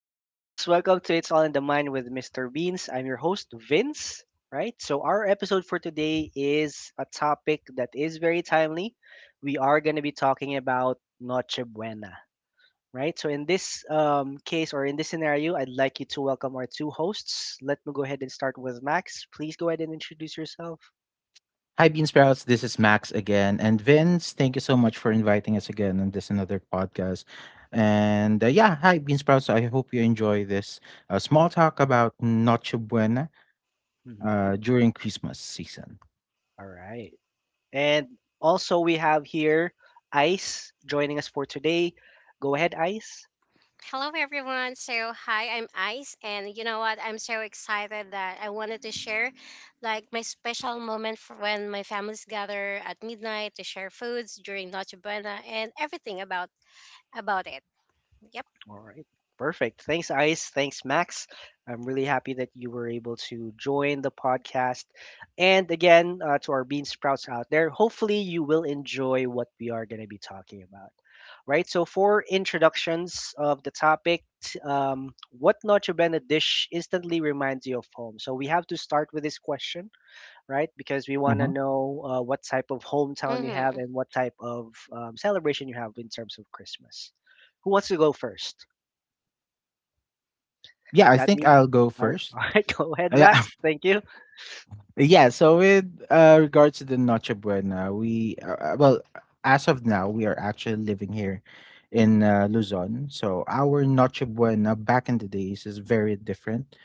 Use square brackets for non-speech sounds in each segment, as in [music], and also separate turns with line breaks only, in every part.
Bean Sprouts. Welcome to It's All in the Mind with Mr. Beans. I'm your host, Vince. Right. So, our episode for today is a topic that is very timely. We are going to be talking about Noche Buena. Right. So, in this case or in this scenario, I'd like you to welcome our two hosts. Let me go ahead and start with Max. Please go ahead and introduce yourself.
Hi, Bean Sprouts. This is Max again. And Vince, thank you so much for inviting us again on this another podcast. And hi, Bean Sprouts. I hope you enjoy this small talk about Noche Buena
Mhm.
during Christmas season.
All right. And also, we have here Ice joining us for today. Go ahead, Ice.
Hello, everyone. So, hi, I'm Ice, and you know what? I'm so excited that I wanted to share like my special moment for when my families gather at midnight to share foods during Noche Buena and everything about it. Yep.
All right. Perfect. Thanks, Ice. Thanks, Max. I'm really happy that you were able to join the podcast. And again, to our bean sprouts out there, hopefully you will enjoy what we are going to be talking about. Right. So, for introductions of the topic, what Noche Buena dish instantly reminds you of home? So, we have to start with this question, right? Because we want to
Mhm.
know what type of hometown you have
Mhm.
and what type of celebration you have in terms of Christmas. Who wants to go first?
Yeah, I
That
think
means,
I'll go
all right, [laughs]
first.
all right, go ahead,
Uh, Yeah,
Max. Thank you.
Yeah, so with regards to the Noche Buena, as of now, we are actually living here in Luzon. So our
Mm-hmm.
Noche Buena back in the days is very different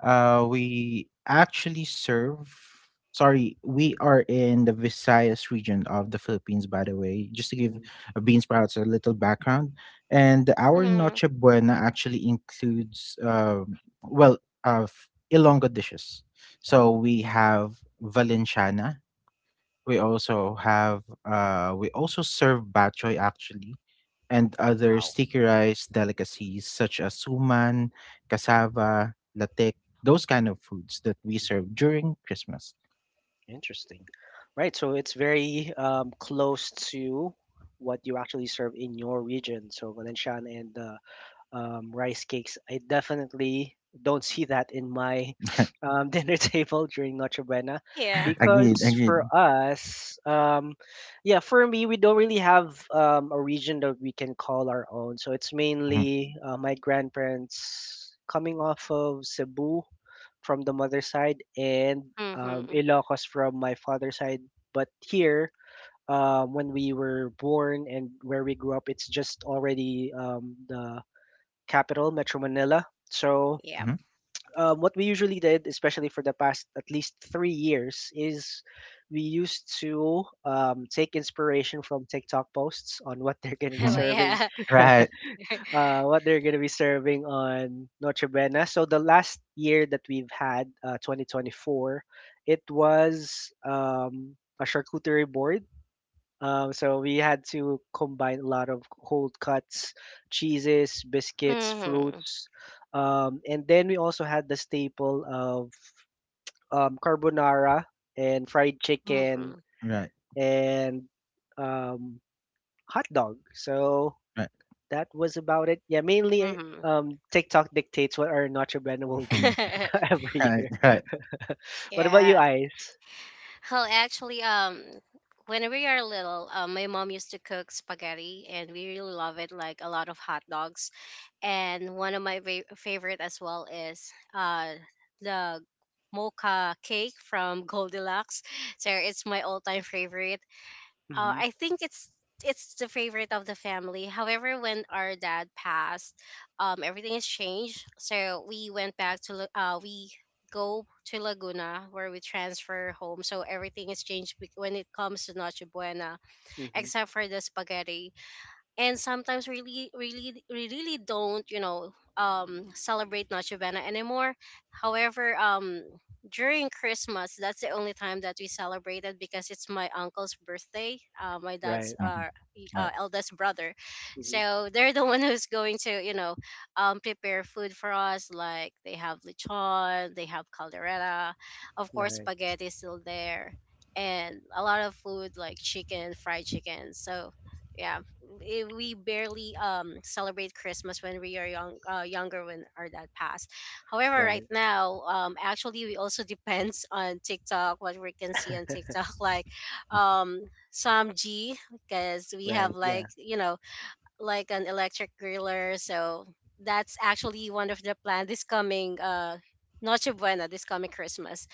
we actually serve. Sorry, we are in the Visayas region of the Philippines, by the way. Just to give
Hmm.
Bean Sprouts a little background, and our
Mhm.
Noche Buena actually includes, well, Ilonggo dishes. So
Oh,
we
okay.
have Valenciana, we also have we also serve bachoy actually and other
Oh.
sticky rice delicacies such as suman, cassava, latek, those kind of foods that we serve
Mhm.
during Christmas.
Interesting. Right, so it's very close to what you actually serve in your region. So Valencian and rice cakes. I definitely don't see that in my [sniffs]
[laughs]
[laughs] dinner table during Noche Buena
Yeah.
Agreed,
because for
agreed.
us, yeah, for me, we don't really have a region that we can call our own. So it's
Mhm,
mainly my grandparents coming off of Cebu from the mother side and
Mhm.
Ilocos from my father's side. But here, when we were born and where we grew up, it's just already the capital, Metro Manila. So,
Yep.
mhm,
what we usually did, especially for the past at least 3 years, is we used to take inspiration from TikTok posts on what they're going to
[laughs]
be
Oh
mhm.
serving,
yeah. [laughs]
[laughs]
Right,
what they're going to be serving on Noche Buena. So, the last year that we've had, 2024, it was a charcuterie board, so we had to combine a lot of cold cuts, cheeses, biscuits,
Mhm.
fruits, and then we also had the staple of carbonara and fried chicken
Mhm.
right,
and um, hot dog. So
right,
that was about it. Yeah, mainly
Mhm.
TikTok dictates what our Notre Bene will be
mhm,
[laughs]
[laughs] every
right,
year.
right,
What about you,
Yeah.
Ice?
Well, actually, when we are little, my mom used to cook spaghetti, and we really love it, like a lot of hot dogs. And one of my favorite as well is the mocha cake from Goldilocks. So it's my all-time favorite.
Hmm.
I think it's the favorite of the family. However, when our dad passed, everything has changed. So we went back to we go to Laguna where we transfer home. So everything has changed when it comes to Noche Buena,
Hmm.
except for the spaghetti, and sometimes really, really we really don't celebrate Noche Buena anymore. However, during Christmas, that's the only time that we celebrated, because it's my uncle's birthday, my dad's,
Right.
mhm, right,
eldest brother.
Hmm.
So they're the [laughs] one who's going to prepare food for us, like they have lechon, they have caldereta. Of course
Right.
spaghetti is still there, and a lot of food like chicken, fried chicken. So yeah. We barely celebrate Christmas when we are younger, when our dad passed. However, right
Right.
now, actually we also [laughs] depends on TikTok, what we can see on TikTok. [laughs] Like um some G because we have,
Right. Yeah.
like, like an electric griller, so that's actually one of the plan this coming Noche Buena, this coming Christmas.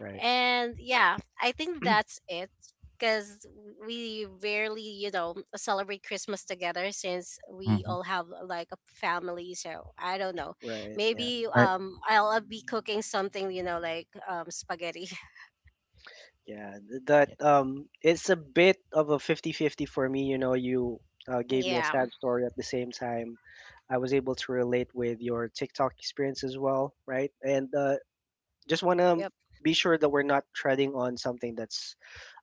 Right.
And yeah, I think
[clears throat]
that's it, because we rarely, celebrate Christmas together since we
mhm,
all have like a family. So I don't know.
Right. Yeah.
Maybe
right,
I'll be cooking something, like spaghetti. [laughs]
Yeah, th- that
yeah,
um it's a bit of a 50-50 for me, you know, you gave me a
Yeah.
sad story at the same time. I was able to relate with your TikTok experience as well, right? And just want to
Yep.
be sure that we're not treading on something that's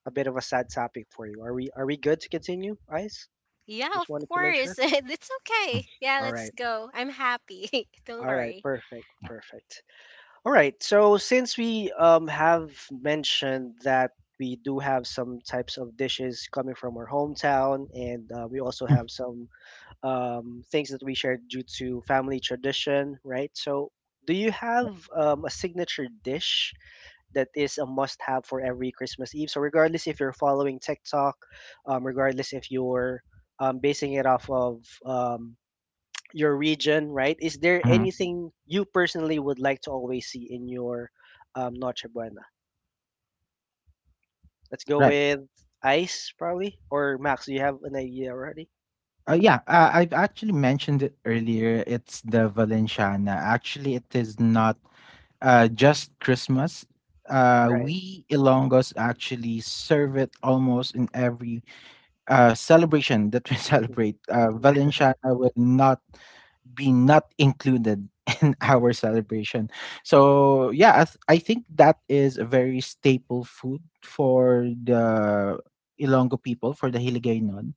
a bit of a sad topic for you. Are we good to continue, Ice?
Yeah,
Just
of
wanted to make
course. [laughs]
sure.
It's
mhm,
okay. Yeah,
All
let's
right.
go. I'm happy. [laughs] Don't
All right,
worry.
perfect, perfect. All right. So since we have mentioned that we do have some types of dishes coming from our hometown, and we also have some things that we share due to family tradition, right? So do you have a signature dish that is a must-have for every Christmas Eve? So regardless if you're following TikTok, regardless if you're basing it off of your region, right? Is there
mhm,
anything you personally would like to always see in your Noche Buena? Let's go
right.
with Ice, probably, or Max. Do you have an idea already?
Yeah, I've actually mentioned it earlier. It's the Valenciana. Actually, it is not just Christmas.
Right.
We Ilonggos actually serve it almost in every celebration that we [laughs]
Hmm.
celebrate.
Yeah.
Valenciana will not be not included [laughs] in our celebration. So yeah, I think that is a very staple food for the Ilongo people, for the Hiligaynon.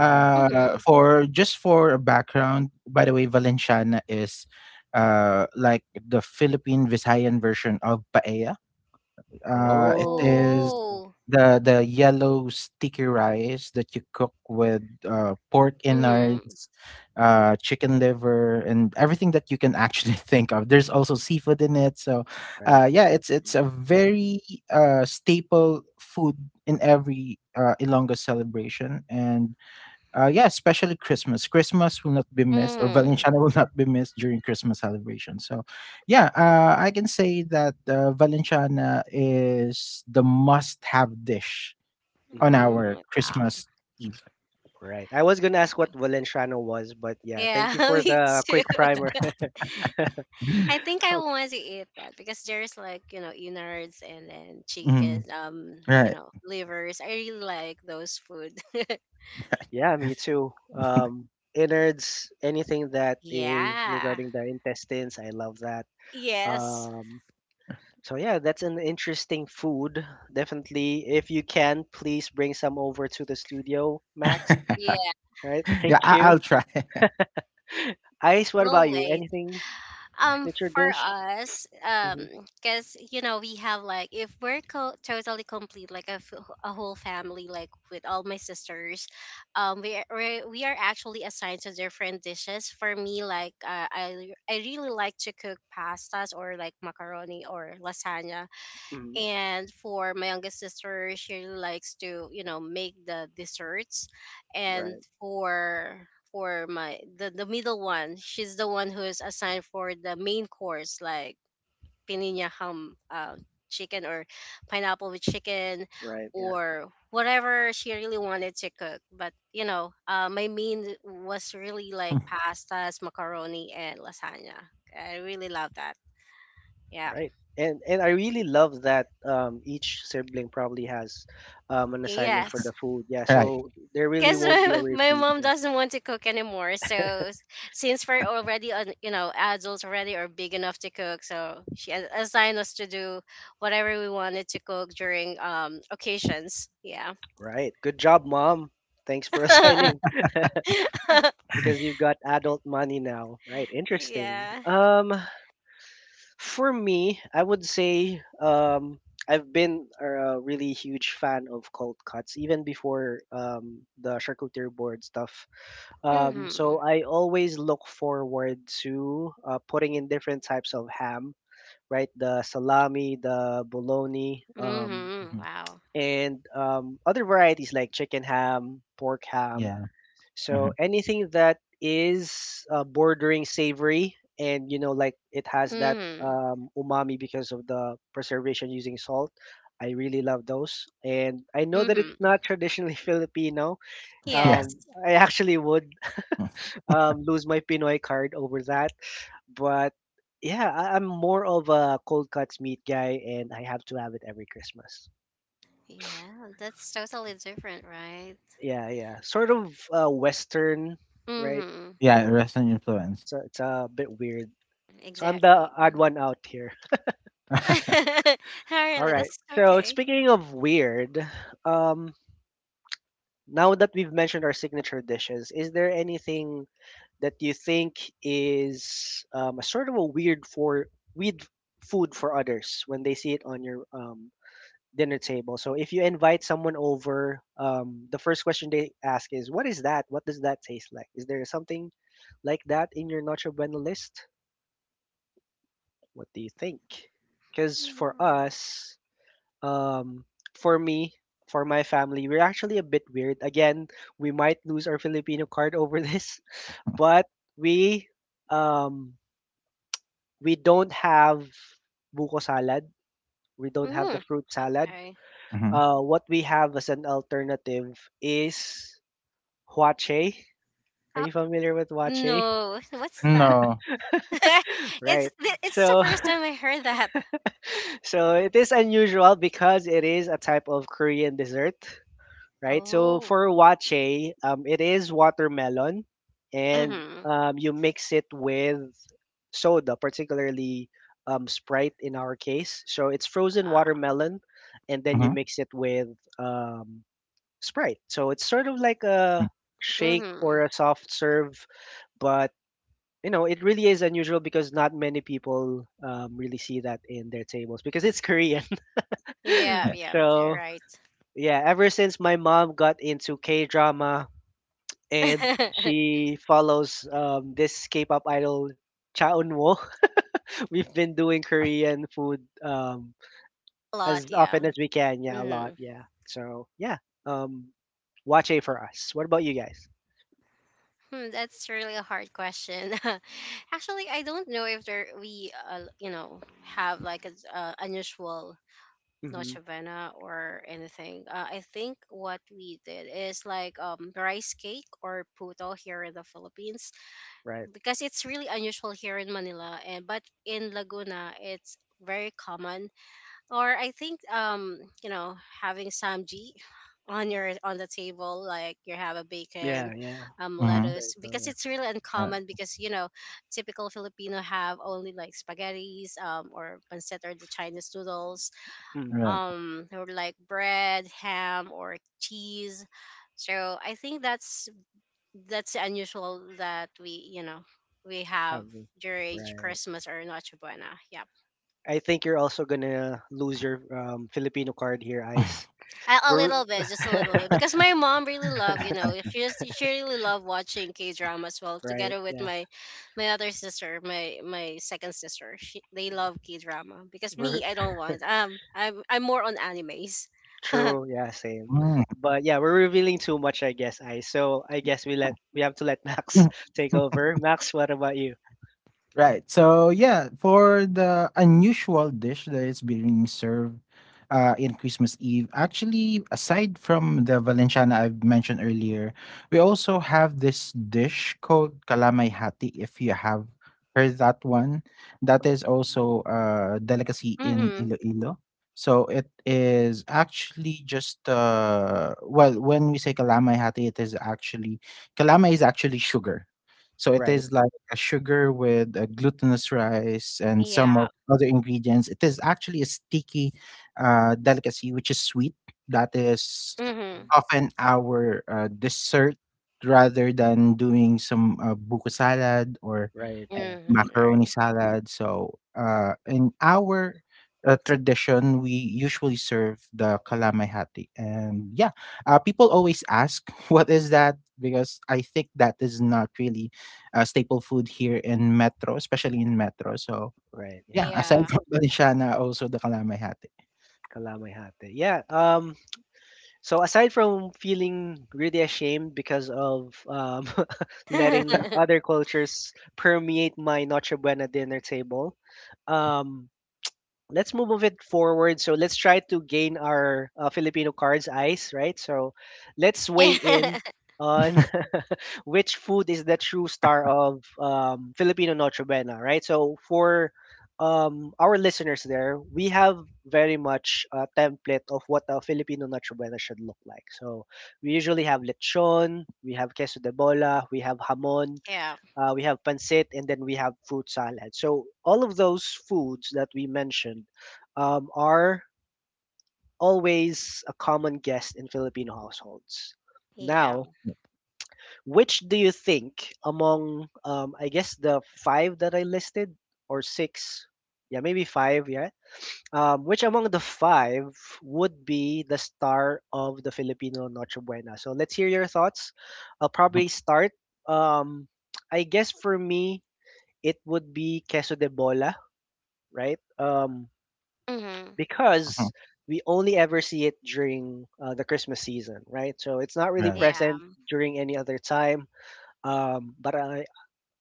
Uh huh.
Mhm.
For just for a background, by the way, Valenciana is like the Philippine Visayan version of paella. It
Oh.
is
Okay.
Oh.
the yellow sticky rice that you cook with pork
Mhm.
innards,
Yeah.
chicken liver, and everything that you can actually [laughs] think of. There's also seafood in it, so
Right.
yeah, it's it's a very staple food in every Ilonggo celebration, and yeah, especially Christmas. Christmas will not be missed, or
Mhm.
Valenciana [laughs] will not be missed during Christmas celebration. So, yeah, I can say that Valenciana is the must-have dish on
Hmm.
Mm,
our
wow.
Christmas Eve.
Right. I was gonna ask what Valenciano was, but yeah,
Yeah,
thank you
[laughs]
for
me
the
too.
quick primer. [laughs]
[clears throat] Mhm.
I think I
Okay.
want to eat that because there's like, innards, and then chicken,
Mhm. Right.
livers. I really like those food. [laughs]
Right.
Yeah, me too. Innards, anything that is
Yeah.
regarding the intestines, I love that.
Yes.
Um,
[laughs]
So yeah, that's an interesting food. Definitely, if you can, please bring some over to the studio,
[laughs]
Max.
Yeah.
Yeah,
All right, [laughs] thank you.
I'll try. [laughs]
Ice, what about
We'll
you?
wait.
Anything
Mm.
signature
For
dish?
us,
Hmm.
because we have, like, if we're totally complete, like a whole family, like with all my sisters. We are actually assigned to different dishes. For me, like, I really like to cook pastas, or like macaroni or lasagna.
Hmm.
And for my youngest sister, she likes to make the desserts. And
Right,
for my the middle one, she's the one who's assigned for the main course, like pininha ham, chicken, or pineapple with chicken,
right, yeah,
or whatever she really wanted to cook. But my main was really like
[laughs]
pastas, macaroni, and lasagna. I really love that. Yeah.
right. And I really love that each sibling probably has an assignment for
Yes.
the food. Yeah,
Right.
so there really
Because
won't be a
my, [laughs] my
repeat.
mom
Yeah,
doesn't want to cook anymore. So since we're already you know, adults, already are big enough to cook, so she assigned us to do whatever we wanted to cook during occasions. Yeah.
right. Good job, mom. Thanks for [laughs] assigning
[laughs]
because you've got adult money now. Right, interesting.
Yeah.
For me, I would say I've been a really huge fan of cold cuts even before the charcuterie board stuff.
Mm-hmm.
So I always look forward to putting in different types of ham, right? The salami, the bologna,
Mm-hmm.
Mhm.
Wow.
and other varieties like chicken ham, pork ham,
Yeah.
so
Mhm.
anything that is bordering savory and you know like it has that
Mm-hmm.
umami because of the preservation using salt. I really love those, and I know that it's
Mm-hmm.
not traditionally [laughs] Filipino.
[laughs] Yeah.
Yes.
Um, I actually would
Mm.
lose my Pinoy card over that, but yeah, I'm more of a cold cuts meat guy, and I have to have it every Christmas.
Yeah, that's totally different, right?
Yeah, yeah, sort of Western, right?
Mm-hmm.
Yeah,
So
Western influence.
it's a bit weird. So I'm the
Exactly.
odd one
[laughs]
out here.
[laughs]
All
Really,
right.
that's
So
okay.
speaking of weird, um, now that we've mentioned our signature dishes, is there anything that you think is a sort of a weird food for others when they see it on your dinner table? So if you invite someone over, the first question they ask is, "What is that? What does that taste like?" Is there something like that in your Nacho Bueno list? What do you think? Because for
Mm-hmm.
us, um, for me, for my family, we're actually a bit weird. Again, we might lose our Filipino card over [laughs] this, but we um, we don't have buko salad. We don't have the
Mm,
fruit salad.
okay.
Mhm.
What we have as an alternative is huache. Are
Oh
you familiar with huache?
no, [laughs] what's that?
No.
[laughs] It's
Right.
it's just the
So
first
[laughs]
time I heard that.
so it is unusual because it is a type of Korean dessert. Right? So
Oh.
for wache, it is watermelon, and
Mhm.
you mix it with soda, particularly Sprite in our case. So it's frozen
Wow.
watermelon, and then you
Mhm.
mix it with um, Sprite. So it's sort of like
Mm.
a shake
Mhm.
or a soft serve, but you know it really is unusual because not many people really see that in their tables because it's Korean.
Yeah.
Uh,
[laughs]
Yeah. You're
So
right.
yeah, ever since my mom got into K drama,
[laughs]
and
A
she follows this K-pop idol Cha Eun-woo. [laughs] We've been doing
uh,
Korean food
lot.
as
Yeah.
often as we can. Yeah, a lot.
Mhm.
Yeah. So yeah, um, watch A for us. What about you guys?
Hmm, that's really a hard question. [laughs] Actually, I don't know if there we have like a unusual
Hmm.
Noche Buena or anything. I think what we did is like rice cake or puto here in the Philippines,
Right.
because it's really unusual here in Manila, and but in Laguna it's very common. Or I think, having samji on your on the table, like you have a bacon,
Yeah. Yeah. I would
mhm.
say
lettuce,
so.
because
Yeah.
it's really
Uh,
uncommon, because you know, typical Filipino have only like spaghettis, or pancit, or the Chinese noodles,
Mm,
right.
or like bread, ham, or cheese. So I think that's unusual that we, we have
have we?
during
Right.
Christmas or Noche Buena. Yeah,
I think you're also gonna lose your Filipino card here, Ice.
a
We're
little bit, just a
[laughs]
little bit, because
[laughs]
my mom really love, she really love watching K drama as well.
right.
Together with
Yeah.
my my other sister, my second sister. She, they love K drama, because me,
We're
I don't want, I'm more on animes. [laughs]
true. Yeah, same.
Mm.
But yeah, we're revealing too much, I guess. I so I guess we have to let Max [laughs] take
[laughs]
over. Max, what about you?
Right. So yeah, for the unusual dish that is being served in Christmas Eve, actually, aside from the Valenciana I've mentioned earlier, we also have this dish called kalamay hati. If you have heard that one, that is also a delicacy in
Mhm.
Iloilo. So it is actually just well, when we say kalamay hati, it is actually kalamay is actually sugar. So it
Right.
is like a sugar with a glutinous rice and some of
Yeah.
other ingredients. It is actually a sticky delicacy, which is sweet. That is
Mhm.
often our dessert rather than doing some buko salad or
Right. Yeah.
Mhm.
macaroni
Right.
salad. So, in our tradition, we usually serve the kalamahati. And yeah, people always ask, [laughs] what is that? Because I think that is not really a staple food here in Metro, especially in Metro. So,
Right. Yeah.
yeah, aside
Yeah.
from [laughs] Balinshana, also the kalamahati.
Kalamay hate. Yeah. So aside from feeling really ashamed because of [laughs]
[laughs]
letting
Yeah.
other cultures permeate my Noche Buena dinner table, um, let's move of it forward. So let's try to gain our Filipino cards eyes, right? So let's weigh in on [laughs] which food is the true star of Filipino Noche Buena, right? So for our listeners there, we have very much a template of what a Filipino Noche Buena should look like. So we usually have lechon, we have queso de bola, we have hamon,
Yeah.
we have pancit, and then we have fruit salad. So all of those foods that we mentioned are always a common guest in Filipino households.
Yeah.
Now, which do you think among, I guess, the five that I listed or six? Yeah, maybe five. Yeah. Which among the five would be the star of the Filipino Noche Buena? So let's hear your thoughts. I'll
Mhm,
probably start. Um, I guess for me, it would be queso de bola, right?
Mhm.
mhm,
Because we only ever see it during the Christmas season, right? So it's not really
right.
Yeah.
present during any other time. But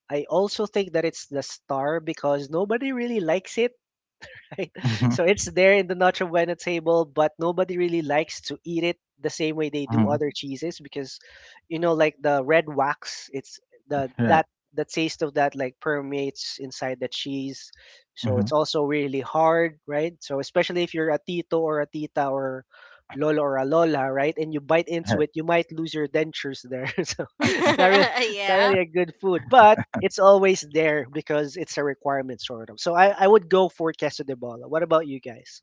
I also think that it's the star because nobody really likes it, [laughs] right?
Mhm,
So it's there in the Nacho Bueno table, but nobody really likes to eat it the same way they do
mhm,
other cheeses because, you know, like the red wax, it's the
right.
that the taste of that like permeates inside the cheese. So
Mhm,
it's also really hard, right? So especially if you're a tito or a tita or lolo or a lola, right? And you bite into
right,
it, you might lose your dentures there. [laughs] So
[laughs]
it's not
Yeah.
really a good food, but it's always there because it's a requirement sort of. So I would go for Queso de Bola. What about you guys?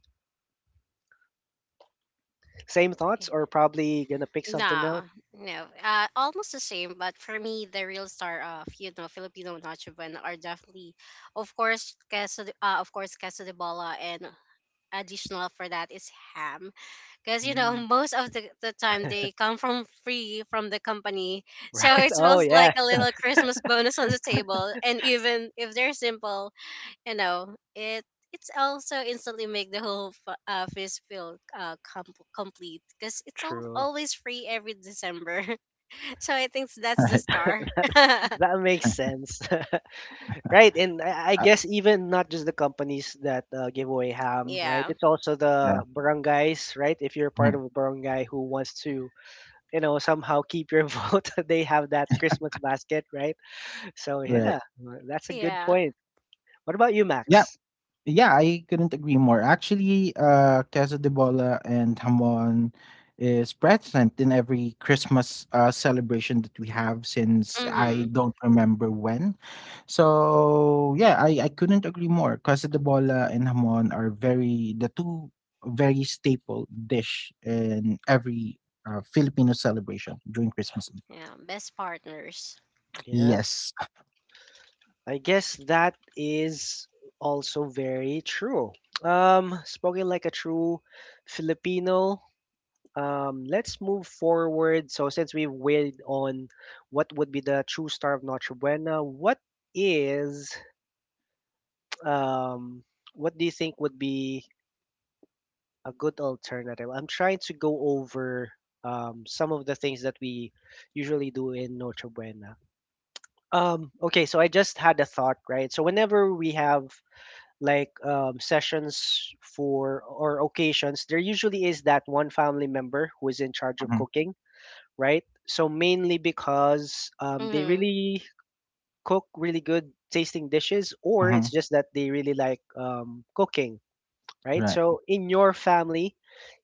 Same thoughts or probably gonna pick something
No,
else?
no. Almost the same, but for me, the real star of, Filipino Nacho Band are definitely, of course, queso de bola, and additional for that is ham, because
Mm,
[laughs] most of the time they come from free from the company,
[laughs]
so
right.
it
Oh
feels
yeah,
like a little Christmas bonus on the table. And even if they're simple, you know it it's also instantly make the whole feast feel complete, because
true.
always free every December. [laughs] So I think
[laughs]
that's the
right.
star. [laughs]
That makes sense. [laughs] Right, and I
Uh,
guess even not just the companies that give away ham, right?
Yeah.
It's also
yeah,
the barangays, right? If you're part
mhm,
of a barangay who wants to, you know, somehow keep your [laughs] vote, they have that Christmas basket, right? So
right.
yeah, that's a good
Yeah.
point. What about you,
Yeah,
Max?
yeah, I couldn't agree more. Actually, Casa de Bola and Hamon is present in every Christmas celebration that we have since I
Mm-hmm.
don't remember when. So yeah, I couldn't agree more. Casa de Bola and Hamon are very the two very staple dish in every Filipino celebration during Christmas.
Yeah, best partners.
Yeah.
Yes.
I guess that is also very true. Spoken like a true Filipino. Let's move forward. So since we've weighed on what would be the true star of Notre Buena, what is um, what do you think would be a good alternative? I'm trying to go over some of the things that we usually do in Notre Buena. Okay, so I just had a thought, right? So whenever we have sessions for or occasions, there usually is that one family member who is in charge of
Mhm,
cooking, right? So mainly because they
Mm-hmm.
really cook really good tasting dishes, or
mhm.
it's just that they really like cooking, right?
Right,
So in your family,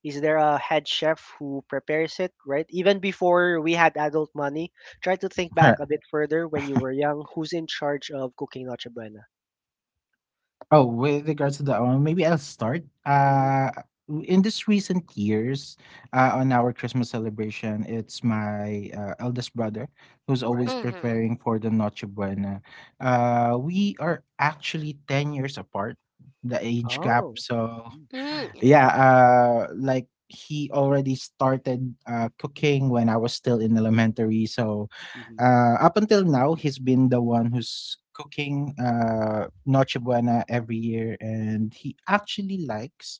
is there a head chef who prepares it, right? Even before we had adult money, try to think
right.
back a bit further when you were young. Who's in charge of cooking Noche Buena?
Oh, with regards to that one, maybe I'll start.
hmm
In this recent years, on our Christmas celebration, it's my eldest brother who's always
Right.
Mm-hmm.
preparing for the Noche Buena. We are actually 10 years apart, the age gap.
Oh.
So yeah,
Mm-hmm.
like he already started cooking when I was still in elementary. So
hmm
up until now, he's been the one who's cooking Noche Buena every year, and he actually likes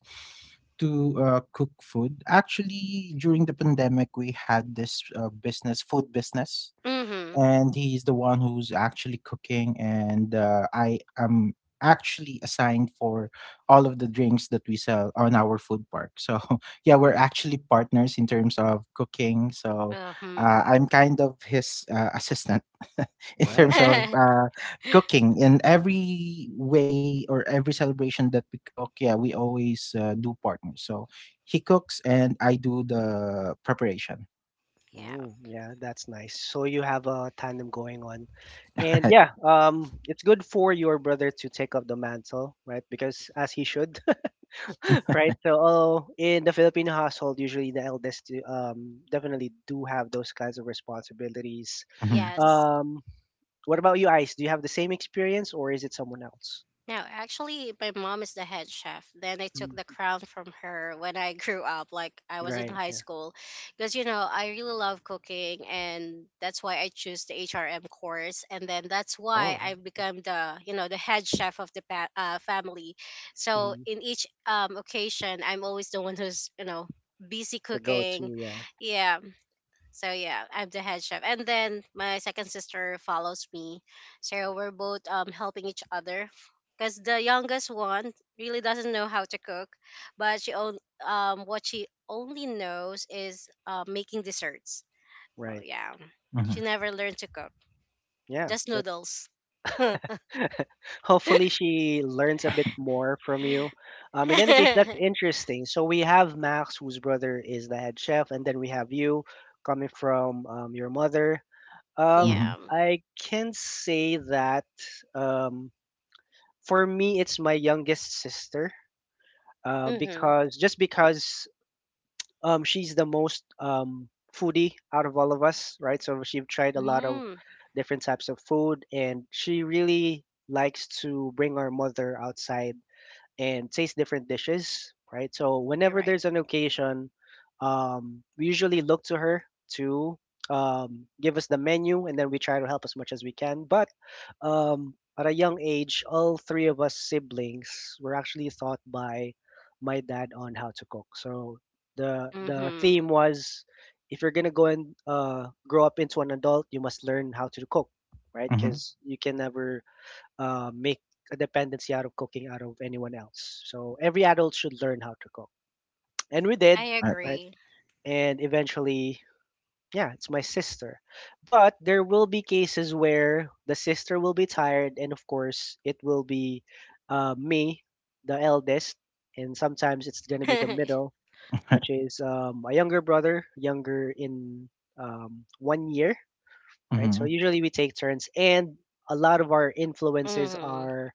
to cook food. Actually, during the pandemic, we had this business, food business
Mm-hmm,
and he's the one who's actually cooking and I am actually assigned for all of the drinks that we sell on our food park, so [laughs] yeah, we're
hmm
actually partners in terms of cooking. So
mm-hmm.
I'm kind of his assistant [laughs] in
Right.
terms of
[laughs]
cooking. In every way or every celebration that we cook, yeah, we always do partners. So he cooks and I do the preparation.
Yeah.
Oh, yeah, that's nice. So you have a tandem going on. And
[laughs] Right.
yeah, it's good for your brother to take up the mantle, right? Because as he should, [laughs] right? So oh, in the Filipino household, usually the eldest definitely do have those kinds of responsibilities.
Hmm.
Yes.
Um, what about you, Ice? Do you have the same experience or is it someone else?
Now, actually, my mom is the head chef. Then I took
Mm.
the crown from her when I [laughs] grew up, like I was in
Right.
high
Yeah.
school. Because, I really love cooking, and that's why I choose the HRM course. And then that's
Oh,
why
right.
I become the head chef of the family. So
hmm
in each occasion, I'm always the one who's, busy
The
cooking.
go-to. Yeah.
Yeah. So yeah, I'm the head chef, and then my second sister follows me. So we're both helping each other, because the youngest one really doesn't know how to cook, but she on what she only knows is making desserts. So
Right.
yeah, she never learned to cook,
Yeah.
just
That.
noodles. [laughs]
Hopefully she learns a bit more from you. In any case, that's
Yeah.
interesting. So we have Max, whose brother is the head chef, and then we have you coming from your mother. Um,
Hmm.
I can say that um, for me, it's my youngest sister
Mhm.
because just because she's the most foodie out of all of us, right? So she tried a lot of
Mm,
different types of food, and she really likes to bring our mother outside and taste different dishes, right? So
you're
whenever
right.
there's an occasion, we usually look to her to give us the menu, and then we try to help as much as we can. But at a young age, all three of us siblings were actually taught by my dad on how to cook. So the
Mhm.
theme was, if you're gonna go and grow up into an adult, you must learn how to cook, right?
Hmm.
Because you can never make a dependency out of cooking out of anyone else. So every adult should learn how to cook. And we
I
did,
Right.
right?
agree.
And eventually, yeah, it's my sister. But there will be cases where the sister will be tired, and of course, it will be me, the eldest, and sometimes it's going to be the
[laughs]
middle, which
[laughs]
is a younger brother, younger in 1 year, right? So
Mhm.
usually we take turns, and a lot of our influences
Mhm.
are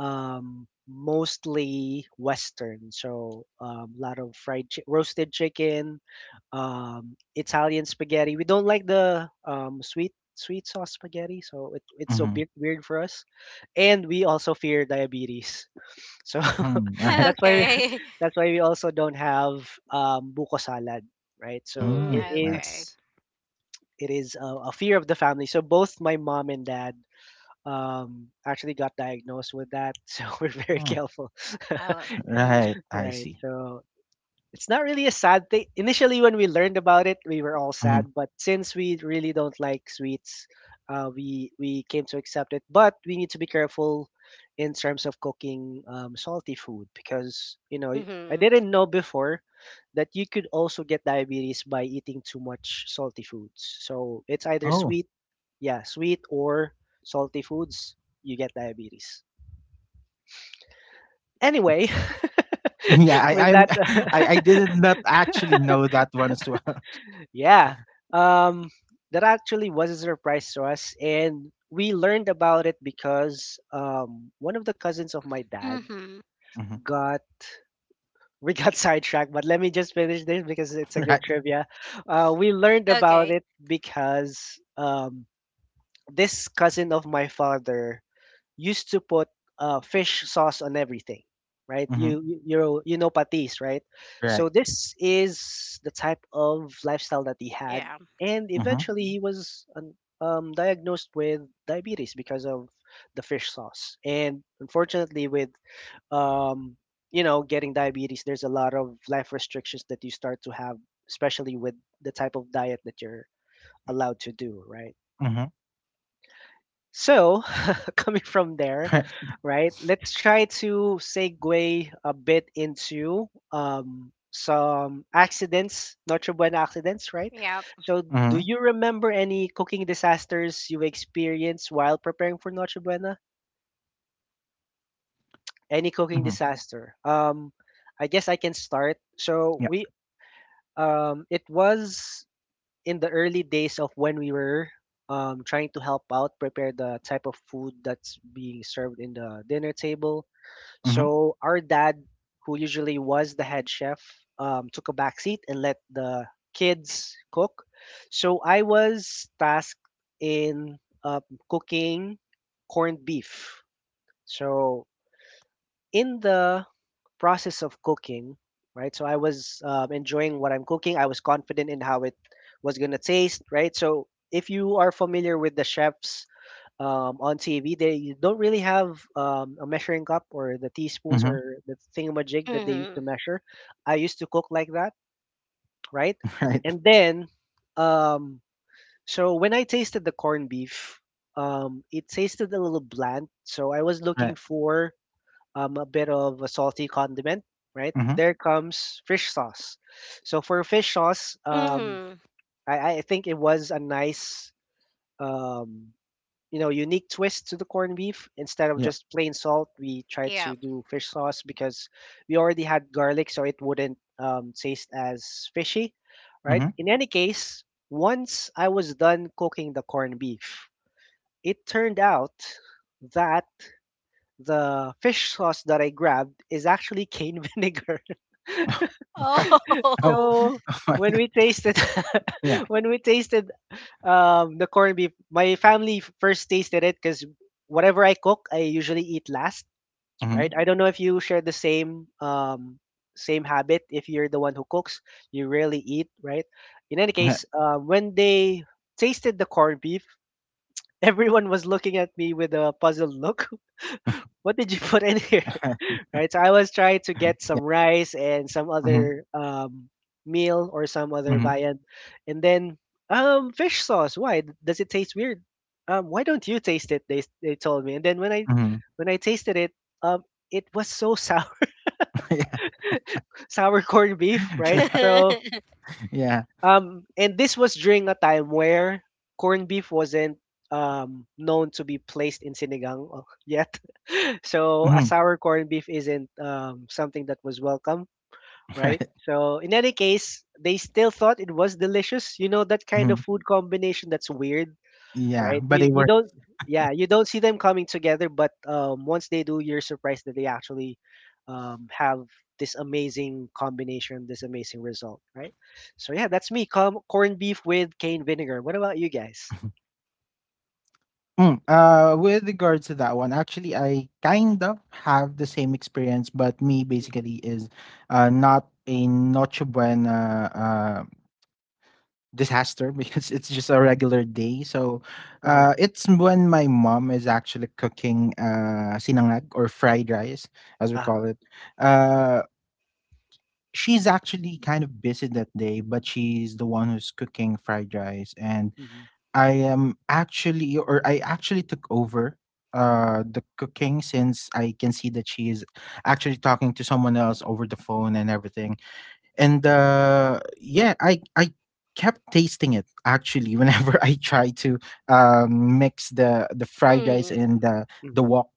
mostly Western. So a lot of roasted chicken, Italian spaghetti. We don't like the sweet sweet sauce spaghetti, so it's so
Mhm.
bit weird for us. And we also fear diabetes, [laughs] so
Mhm.
[laughs]
Right.
[laughs]
that's why we,
Okay.
[laughs] that's why we also don't have buko salad, right? So
Mm,
Mm.
it
Right.
okay.
is it is a fear of the family. So both my mom and dad actually got diagnosed with that, [laughs] so we're very
Mm.
careful, [laughs]
Oh, mhm,
Right. I
right?
see.
So it's not really a sad thing. Initially, when we learned about it, we were all
Mhm.
sad, but since we really don't like sweets, we came to accept it. But we need to be careful in terms of cooking salty food because you know I
mhm,
didn't know before that you could also get diabetes by eating too much salty foods. So it's either
Oh.
sweet yeah, sweet or salty foods, you get diabetes. Anyway,
[laughs] Yeah,
[laughs] with
I'm
that, [laughs]
[laughs] I did not actually know that one as well. [laughs]
yeah, um, that actually was a surprise to us, and we learned about it because one of the cousins of my dad
mhm.
Mhm.
got. We got [laughs] sidetracked, but let me just finish this because it's a good
Right.
trivia. We learned about
Okay,
it because this cousin of my father used to put fish sauce on everything, right?
Mhm.
You know patis, right?
Right.
So this is the type of lifestyle that he had,
yeah,
and
Mhm.
eventually diagnosed with diabetes because of the fish sauce. And unfortunately, with um, you know getting diabetes, there's a lot of life restrictions that you start to have, especially with the type of diet that you're allowed to do, right?
Mhm.
So, [laughs] coming from
[laughs]
there,
Right.
right? Let's try to segue a bit into some accidents, Notre Dame accidents, right?
yeah,
So, do
Mhm.
you remember any cooking disasters you experienced while preparing for Notre Buena? Any cooking
Mhm.
disaster? I guess I can start. So
Yeah.
we, it was in the early days of when we were trying to help out prepare the type of food that's being served in the dinner table
Mhm.
so our dad who usually was the head chef took a back seat and let the kids cook so I was tasked in um, cooking corned beef so in the process of cooking, right? So I was enjoying what I'm cooking. I was confident in how it was gonna taste, right? So if you are familiar with the chefs on TV, they don't really have a measuring cup or the teaspoons
Mhm.
or the thingamajig that they used to
mhm,
measure. I used to cook like that, right?
[laughs] Right.
And then, um, so when I tasted the corned beef, it tasted a little bland. So I was
Right.
looking for a bit of a salty condiment, right?
Mhm.
There comes fish sauce. So for fish sauce,
mhm,
I think it was a nice, um, you know, unique twist to the corned beef. Instead of
Yep.
just plain salt, we tried
yeah.
to do fish sauce because we already had garlic, so it wouldn't taste as fishy, right?
Mhm.
In any case, once I was done cooking the corned beef, it turned out that the fish sauce that I grabbed is actually cane [laughs] vinegar.
[laughs] Right. Oh.
Oh,
[laughs]
So
Oh my
when
God.
we tasted
Yeah.
[laughs] when we tasted the corned beef, my family first tasted it because whatever I cook, I usually eat last.
Mhm.
Right? I don't know if you share the same same habit. If you're the one who cooks, you rarely eat. Right? In any
Yeah.
case, when they tasted the corned beef, [laughs] everyone was looking at me with a puzzled look what did you [laughs] put in here?
[laughs]
[laughs] right? So I was trying to get
Yeah.
some rice and some
Mhm.
other meal or some other
Mhm.
viand, and then fish sauce. Why does it taste weird? Why don't you taste it? They told me, and then when I
Mhm.
when I tasted it, um, it was so sour,
[laughs] Yeah.
[laughs] sour corned beef,
[laughs]
right?
Right.
So
[laughs]
Yeah.
and this was during a time where corned beef wasn't known to be placed in sinigang yet. [laughs] so a
Mhm.
sour corned beef isn't something that was welcome,
[laughs]
right?
Right.
So in any case, they still thought it was delicious. You know that kind of
Mhm.
food combination that's weird
Yeah,
right?
but
You
they
you
were
don't yeah, you don't see them coming together, but once they do, you're surprised that they actually have this amazing combination, this amazing result, right? So yeah, that's me. Corned beef with cane vinegar. What about you guys?
mm, with regards to that one, actually, I kind of have the same experience, but me basically is not a Noche Buena uh, disaster [laughs] because it's just a regular day. So
Uh-huh.
it's when my mom is actually cooking sinangag or fried rice, as we call
Uh-huh.
it. Uh, she's actually kind of busy that day, but she's the one who's cooking fried rice. And
Mm-hmm.
I am actually or I actually took over the cooking since I can see that she is actually talking to someone else over the phone and everything. And uh, yeah, I kept tasting it actually [laughs] whenever I try to mix the fried rice
mhm,
and the
Mm-hmm.
wok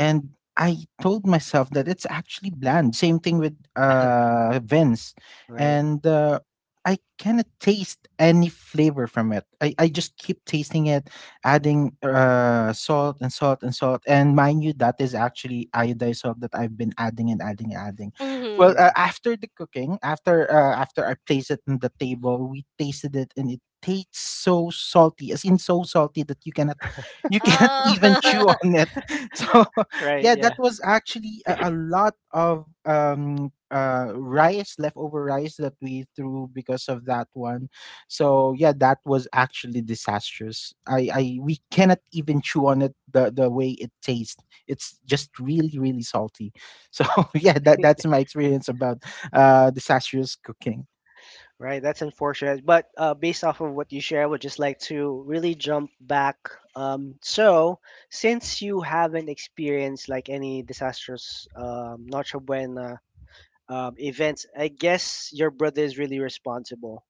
and I told myself that it's actually bland. Same thing with Vince.
Right.
And I cannot taste any flavor from it. I just keep tasting it, adding salt and salt and salt. And mind you, that is actually iodized salt that I've been adding and adding and adding.
mhm.
Well,
Mm-hmm.
after the cooking, after I placed it on the table, we tasted it and it tastes so salty, as in so salty that you [laughs] cannot even chew
Oh,
on
[laughs]
it. [laughs] So
Right,
yeah, that
yeah.
was actually a lot of rice, leftover rice, that we threw because of that one. So yeah, that was actually disastrous. I We cannot even chew on it, the way it tastes, it's just really really salty. So [laughs] yeah, that's my experience about disastrous cooking.
Right, that's unfortunate. But based off of what you shared, I would just like to really jump back. Um, so, since you haven't experienced like any disastrous Noche Buena events, I guess your brother is really responsible.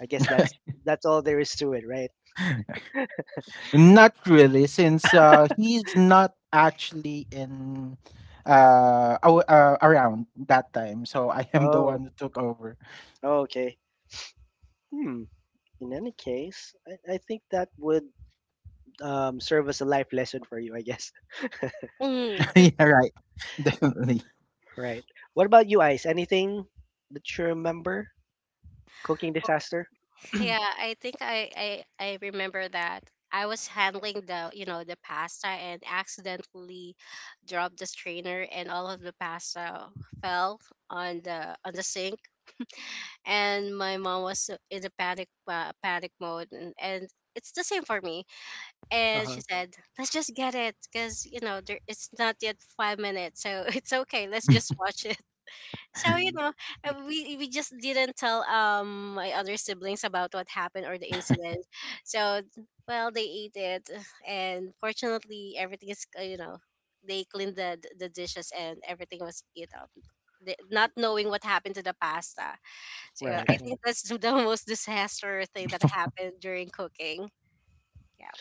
I guess that's all there is to it, right?
[laughs] Not really, since he's not actually in around that time, so I am the
Oh,
one who took over.
oh, okay. Hmm. In any case, I think that would serve as a life lesson for you, I guess.
mhm.
[laughs] Yeah, right, [laughs] definitely.
[laughs] Right. What about you, Ice? Anything that you remember? Cooking disaster?
Yeah, I think I remember that. I was handling the pasta, and accidentally dropped the strainer, and all of the pasta fell on the sink. [laughs] And my mom was in a panic mode, and it's the same for me. And
Uh-huh.
she said, "Let's just get it, because there, it's not yet 5 minutes, so [laughs] it's okay. Let's just
[laughs]
watch it." So you
Mhm.
know, uh, we just didn't tell my other siblings about what happened, or the incident. So well, they ate it, and fortunately, everything is, they cleaned the dishes, and everything was eat up. Not knowing what happened to the pasta. So
Right.
I
Right,
Yeah.
think that's [laughs] the most disaster thing that happened during cooking. Yeah,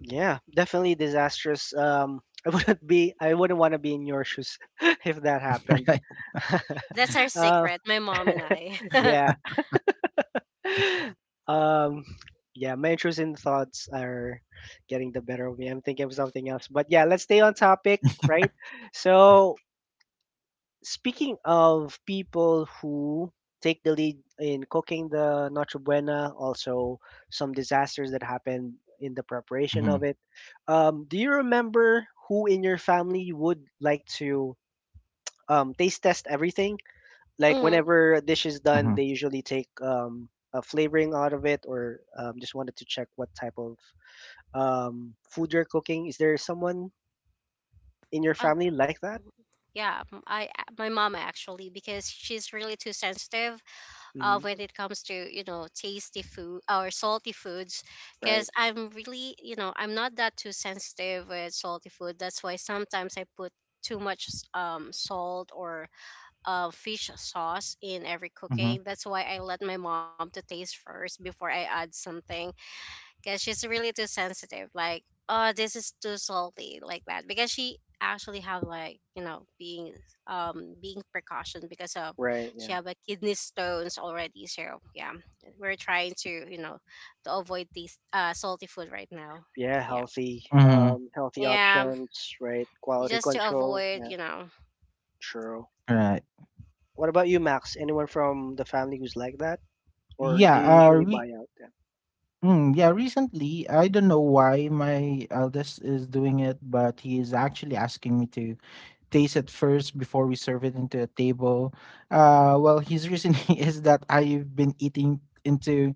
Yeah. Definitely disastrous. [laughs] I wouldn't be. I wouldn't want to be in your shoes [laughs] if that happened.
right.
[laughs]
that's our
uh,
secret. My mom and I. [laughs]
yeah. [laughs] Um, yeah. My intrusive thoughts are getting the better of me. I'm thinking of something else. But yeah, let's stay on topic, right? So speaking of people who take the lead in cooking the Noche Buena, also some disasters that happened in the preparation
Mm-hmm,
of it. Do you remember who in your family would like to taste test everything? Like
Mhm.
whenever a dish is done,
mm-hmm,
they usually take a flavoring out of it, or just wanted to check what type of food you're cooking. Is there someone in your family like that?
Mm-hmm. Yeah, m- I my mom, actually, because she's really too sensitive,
Hmm.
when it comes to, tasty food or salty foods.
Right,
Because I'm really you know I'm not that too sensitive with salty food, that's why sometimes I put too much salt, or fish sauce in every
mm-hmm,
cooking. That's why I let my mom to taste first before I add something, because she's really too sensitive. Like, oh, this is too salty, like that. Because she actually have like, being precaution because of,
right,
she
yeah.
have a kidney stones already. So yeah, we're trying to you know to avoid these salty food right now.
Yeah,
Yeah,
healthy,
mm-hmm.
healthy
yeah,
options, right? Quality
just to
control.
avoid
Yeah,
you know.
true.
Right.
What about you, Max? Anyone from the family who's like that, or do
Yeah.
you usually buy out them?
Yeah. Recently, I don't know why my eldest is doing it, but he is actually asking me to taste it first before we serve it into a table. Well, his reasoning [laughs] is that I've been eating into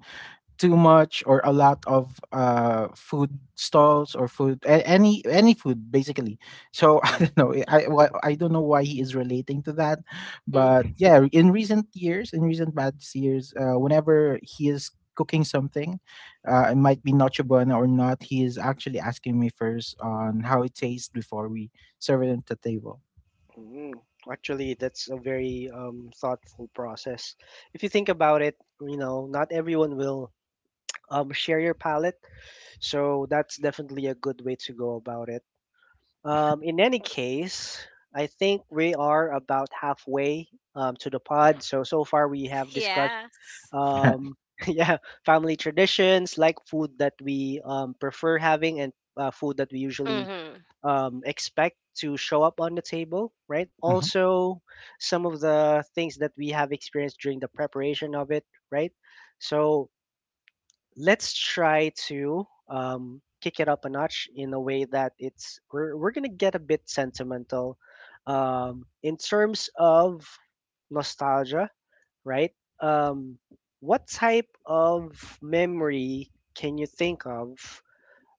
too much or a lot of food stalls or food any food basically. So [laughs] I
Right.
don't know. I don't know why he is relating to that,
[laughs] Mm.
but yeah, in recent years, in recent past years, whenever he is cooking something it might be nacho buena or not, he is actually asking me first on how it tastes before we serve it at the table.
Mm. Actually, that's a very thoughtful process. If you think about it, not everyone will share your palette, so that's definitely a good way to go about it. In any case, I think we are about halfway to the pod. So far we have discussed
Yeah.
um
[laughs]
[laughs] yeah, family traditions like food that we prefer having and food that we usually
Mm-hmm.
expect to show up on the table, right?
Mm-hmm,
Also some of the things that we have experienced during the preparation of it, right? So let's try to kick it up a notch in a way that we're gonna get a bit sentimental in terms of nostalgia, right? Um, what type of memory can you think of,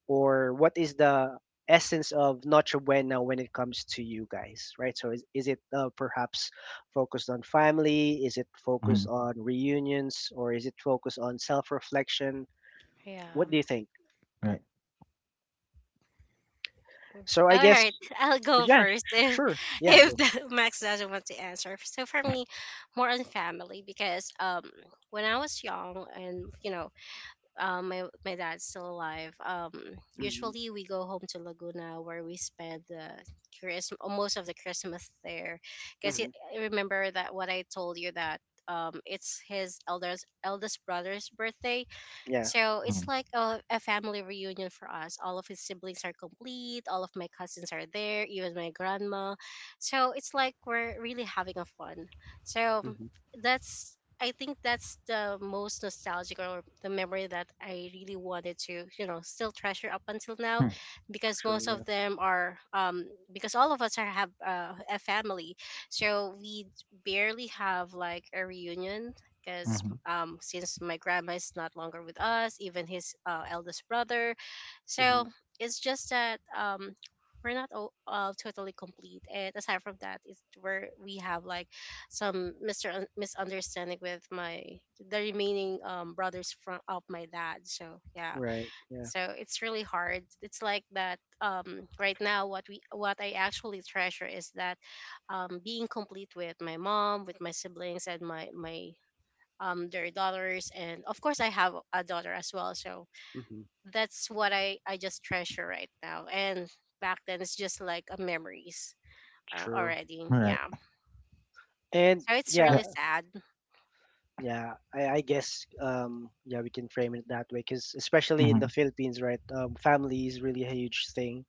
or what is the essence of Noche Buena when it comes to you guys, right? So is it perhaps focused on family? Is it
mm-hmm,
focused on reunions, or is it focused on self-reflection?
Yeah.
What do you think?
right.
So I
All
guess,
right, [laughs] I'll go
yeah,
first, [laughs] if
sure, yeah,
if
go.
the, [laughs] Max doesn't want to answer. So for me, more on family, because when I was young, and my dad's still alive. Um,
Hmm.
usually we go home to Laguna, where we spend the Christmas most of the Christmas there, because
Hmm.
remember that what I told you, that it's his elders eldest brother's birthday.
Yeah.
So it's
Mhm,
like a family reunion for us. All of his siblings are complete. All of my cousins are there, even my grandma. So it's like we're really having a fun. So
Hmm.
that's I think that's the most nostalgic, or the memory that I really wanted to still treasure up until now, because
True,
most
yeah.
of them are, because all of us are have a family, so we barely have like a reunion,
mhm,
because
right. Mhm, hmm,
since my grandma is not longer with us, even his eldest brother. So
Hmm.
it's just that we're not totally complete. And aside from that, it's where we have like some Mr. Misunderstanding with my the remaining brothers from of my dad. So yeah,
Right, yeah.
so it's really hard. It's like that right now. What we what I actually treasure is that being complete with my mom, with my siblings, and my their daughters, and of course I have a daughter as well, so
Hmm.
that's what I just treasure right now. And back then it's just like a memories
True,
already,
mhm, right.
yeah.
and
So it's
yeah.
Yep,
really sad.
Yeah, I guess yeah, we can frame it that way because especially in the
mhm,
Philippines, right? Family is really a huge thing,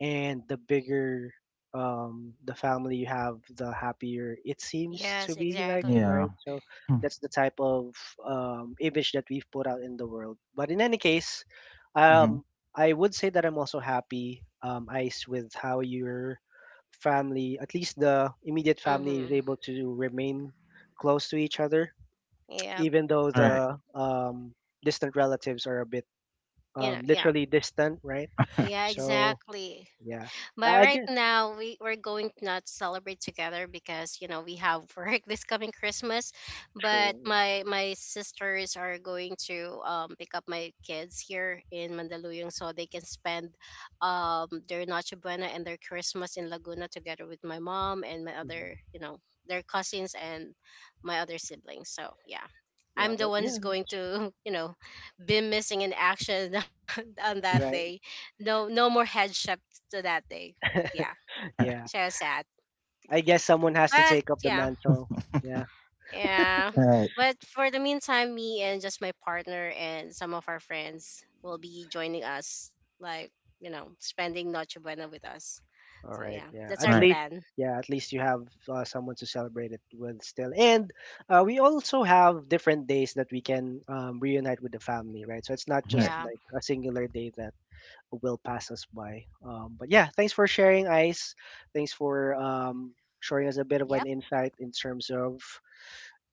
and the bigger the family you have, the happier it seems to
Yes,
be like,
exactly.
yeah.
right? So
Hmm,
that's the type of image that we've put out in the world. But in any case,
mhm,
um, I would say that I'm also happy, Ice, with how your family, at least the immediate family, is
Mm-hmm.
able to remain close to each other
Yeah.
even though
right.
the distant relatives are a bit
You know, yeah.
literally distant, right?
Yeah,
So
exactly.
yeah, I
But
I
right
guess.
now we're going to not celebrate together because we have work [laughs] this coming Christmas. But
True.
my sisters are going to pick up my kids here in Mandaluyong so they can spend their Noche Buena and their Christmas in Laguna together with my mom and my other,
Mhm.
their cousins, and my other siblings. So yeah.
Yeah,
I'm the
but
one who's
yeah,
going to, [laughs] be missing in action [laughs] on that
right.
[laughs]
day. No, no more headship to that day, yeah,
Yeah,
so sad.
I guess someone has to
But
take up the
yeah,
mantle. Yeah,
yeah.
Right,
But for the meantime, me and just my partner and some of our friends will be joining us, like, spending Noche Buena with us.
all
So
right.
yeah, that's our
right,
plan.
Yeah, at least you have someone to celebrate it with still. And we also have different days that we can reunite with the family, right? So it's not
right.
just like
Yeah.
a singular day that will pass us by. But yeah, thanks for sharing, Ice. Thanks for showing us a bit of an
Yep.
insight in terms of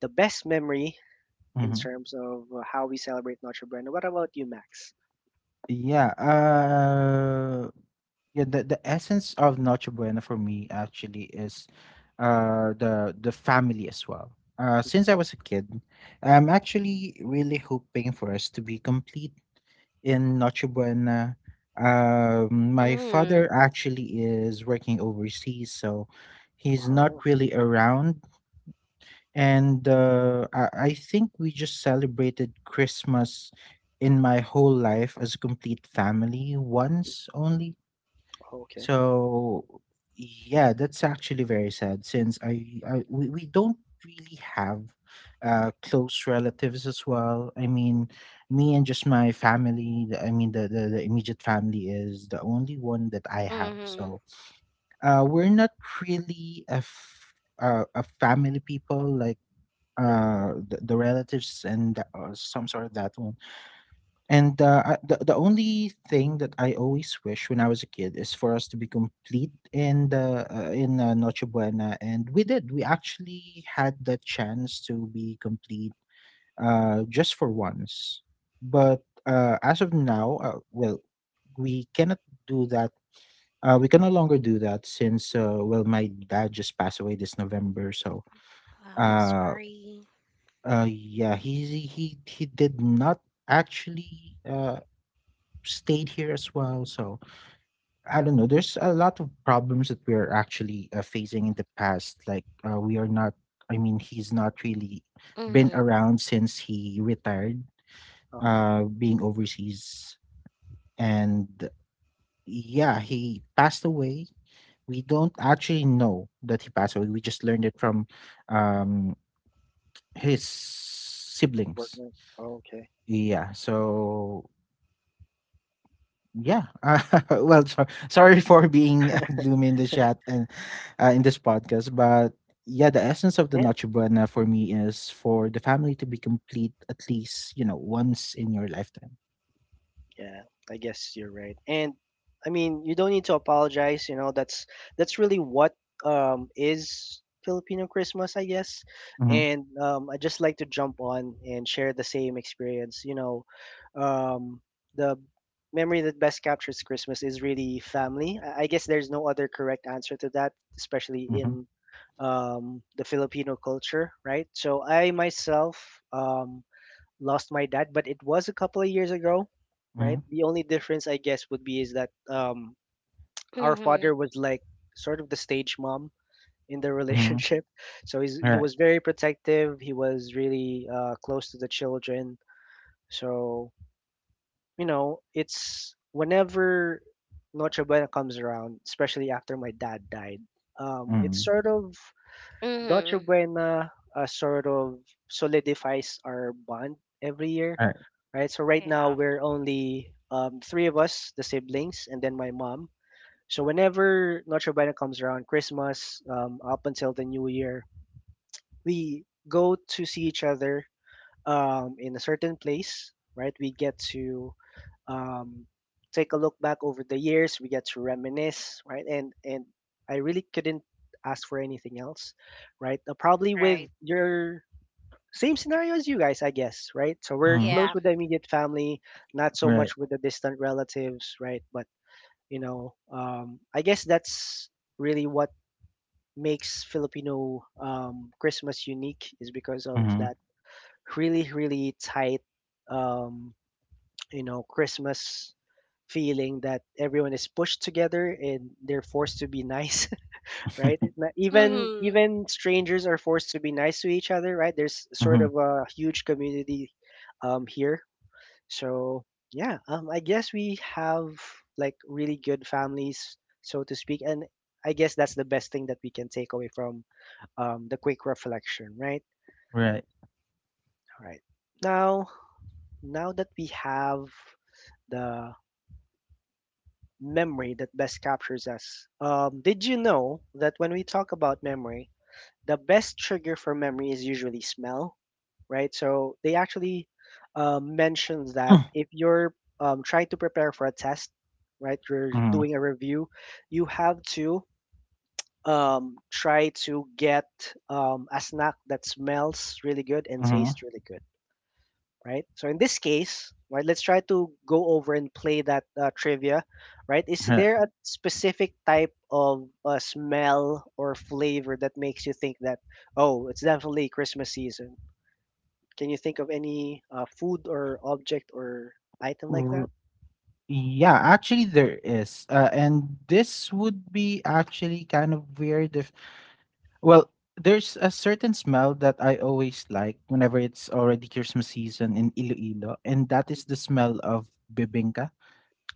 the best memory, in
Mhm.
terms of how we celebrate Notre Dame. What about you, Max?
Yeah, uh yeah, the essence of Noche Buena for me actually is the family as well. Uh,
Mhm.
since I was a kid, I'm actually really hoping for us to be complete in Noche Buena. Um, my father
Mm.
actually is working overseas, so he's not
Oh,
really around and I think we just celebrated Christmas in my whole life as a complete family once only.
okay.
So yeah, that's actually very sad since we don't really have close relatives as well. I mean, me and just my family, I mean the immediate family is the only one that I have.
Mm-hmm.
So we're not really a family people like
Right. Yeah.
the relatives and some sort of that one and the only thing that I always wish when I was a kid is for us to be complete in the in noche buena and we actually had the chance to be complete just for once but as of now well we cannot do that we can no longer do that since well my dad just passed away this november.
Mm.
Uh
Sorry.
yeah, he did not actually stayed here as well. So I don't know. There's a lot of problems that we're actually facing in the past. We are not. I mean, he's not really been
Mm-hmm.
around since he retired,
Uh huh.
being overseas, and yeah, he passed away. We don't actually know that he passed away. We just learned it from um his
Work.
siblings.
with- Okay.
Yeah, so yeah. [laughs] Well, so, sorry for being gloomy in the chat and in this podcast, but yeah, the essence of the
Yeah.
Noche Buena for me is for the family to be complete at least once in your lifetime.
Yeah, I guess you're right. And I mean, you don't need to apologize, you know, that's really what is Filipino Christmas, I guess.
Mm-hmm.
And um, I just like to jump on and share the same experience, you know. Um, the memory that best captures Christmas is really family. I guess there's no other correct answer to that, especially
Mm-hmm.
in the Filipino culture, right? So I myself lost my dad, but it was a couple of years ago,
Mm-hmm.
right? The only difference, I guess, would be is that our
Mm-hmm.
father was like sort of the stage mom in the [laughs]
Mm-hmm.
relationship. So
All
he
right.
was very protective. He was really close to the children. So, you know, it's whenever Noche Buena comes around, especially after my dad died, it's
Mm-hmm.
sort of Dolce
Mm-hmm.
Buena sort of solidifies our bond every year,
All right.
right? So right now
Yeah.
we're only three of us, the siblings, and then my mom. So whenever Dolce Buena comes around, Christmas up until the New Year, we go to see each other in a certain place, right? We get to um, take a look back over the years. We get to reminisce, right? And I really couldn't ask for anything else, right? Probably with
Right.
your same scenario as you guys, I guess, right? So we're
Mm-hmm.
close
Yeah.
with the immediate family, not so
Right.
much with the distant relatives, right? But you know, I guess that's really what makes Filipino Christmas unique is because of
Mm-hmm.
that really, really tight um, you know, Christmas feeling that everyone is pushed together and they're forced to be nice, [laughs] right?
[laughs]
Even
Mm-hmm.
strangers are forced to be nice to each other, right? There's sort
Mm-hmm.
of a huge community here. So yeah, um, I guess we have like really good families, so to speak, and I guess that's the best thing that we can take away from the quick reflection, right?
Right.
All right. Now, Now that we have the memory that best captures us. Did you know that when we talk about memory, the best trigger for memory is usually smell, right? So they actually mentioned that
[clears throat]
if you're trying to prepare for a test, right, you're
Mm-hmm.
doing a review, you have to try to get a snack that smells really good and tastes
Mm-hmm.
really good, right? So in this case, right, let's try to go over and play that trivia, right? Is
Right.
there a specific type of smell or flavor that makes you think that, oh, it's definitely Christmas season? Can you think of any food or object or item like
R-
that?
Yeah, actually there is.
Mm.
And this would be actually kind of weird if well, there's a certain smell that I always like whenever it's already Christmas season in Iloilo, and that is the smell of bibingka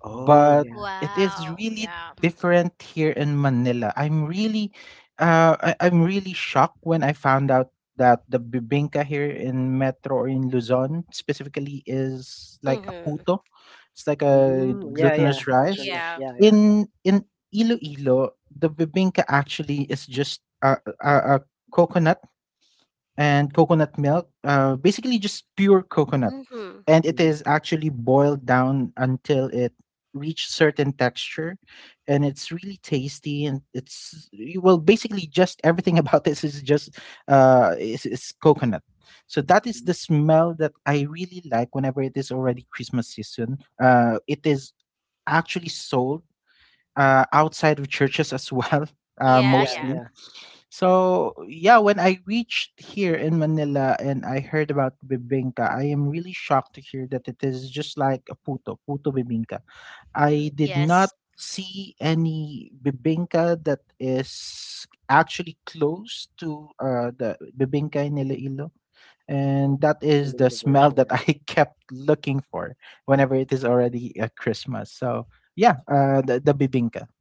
Oh,
but
yeah.
it is
Wow.
really
Yeah.
different here in Manila. I'm really, I'm really shocked when I found out that the bibingka here in Metro or in Luzon specifically is like a
Mm-hmm.
puto. It's like a
Mm, yeah, yeah.
glutinous
That's right.
rice.
Yeah,
Yeah.
yeah, yeah.
In Iloilo, the bibingka actually is just a coconut and coconut milk, basically just pure coconut.
Mm-hmm.
And it
Mm-hmm.
is actually boiled down until it reach certain texture and it's really tasty and it's well basically just everything [laughs] about this is just is coconut. So that is
Mm-hmm.
the smell that I really like whenever it is already christmas season. It is actually sold outside of churches as well. [laughs]
Yeah.
Yeah,
Yeah.
Mostly,
yeah.
so yeah, when I reached here in Manila and I heard about bibingka, I am really shocked to hear that it is just like a puto, puto bibingka.
All
I
right,
did not
Yes.
see any bibingka that is actually close to the bibingka in Iloilo.
all right.
And that is the
Iloilo
smell that
version.
I [laughs] kept looking for whenever it is already Christmas. So yeah, the bibingka. [laughs]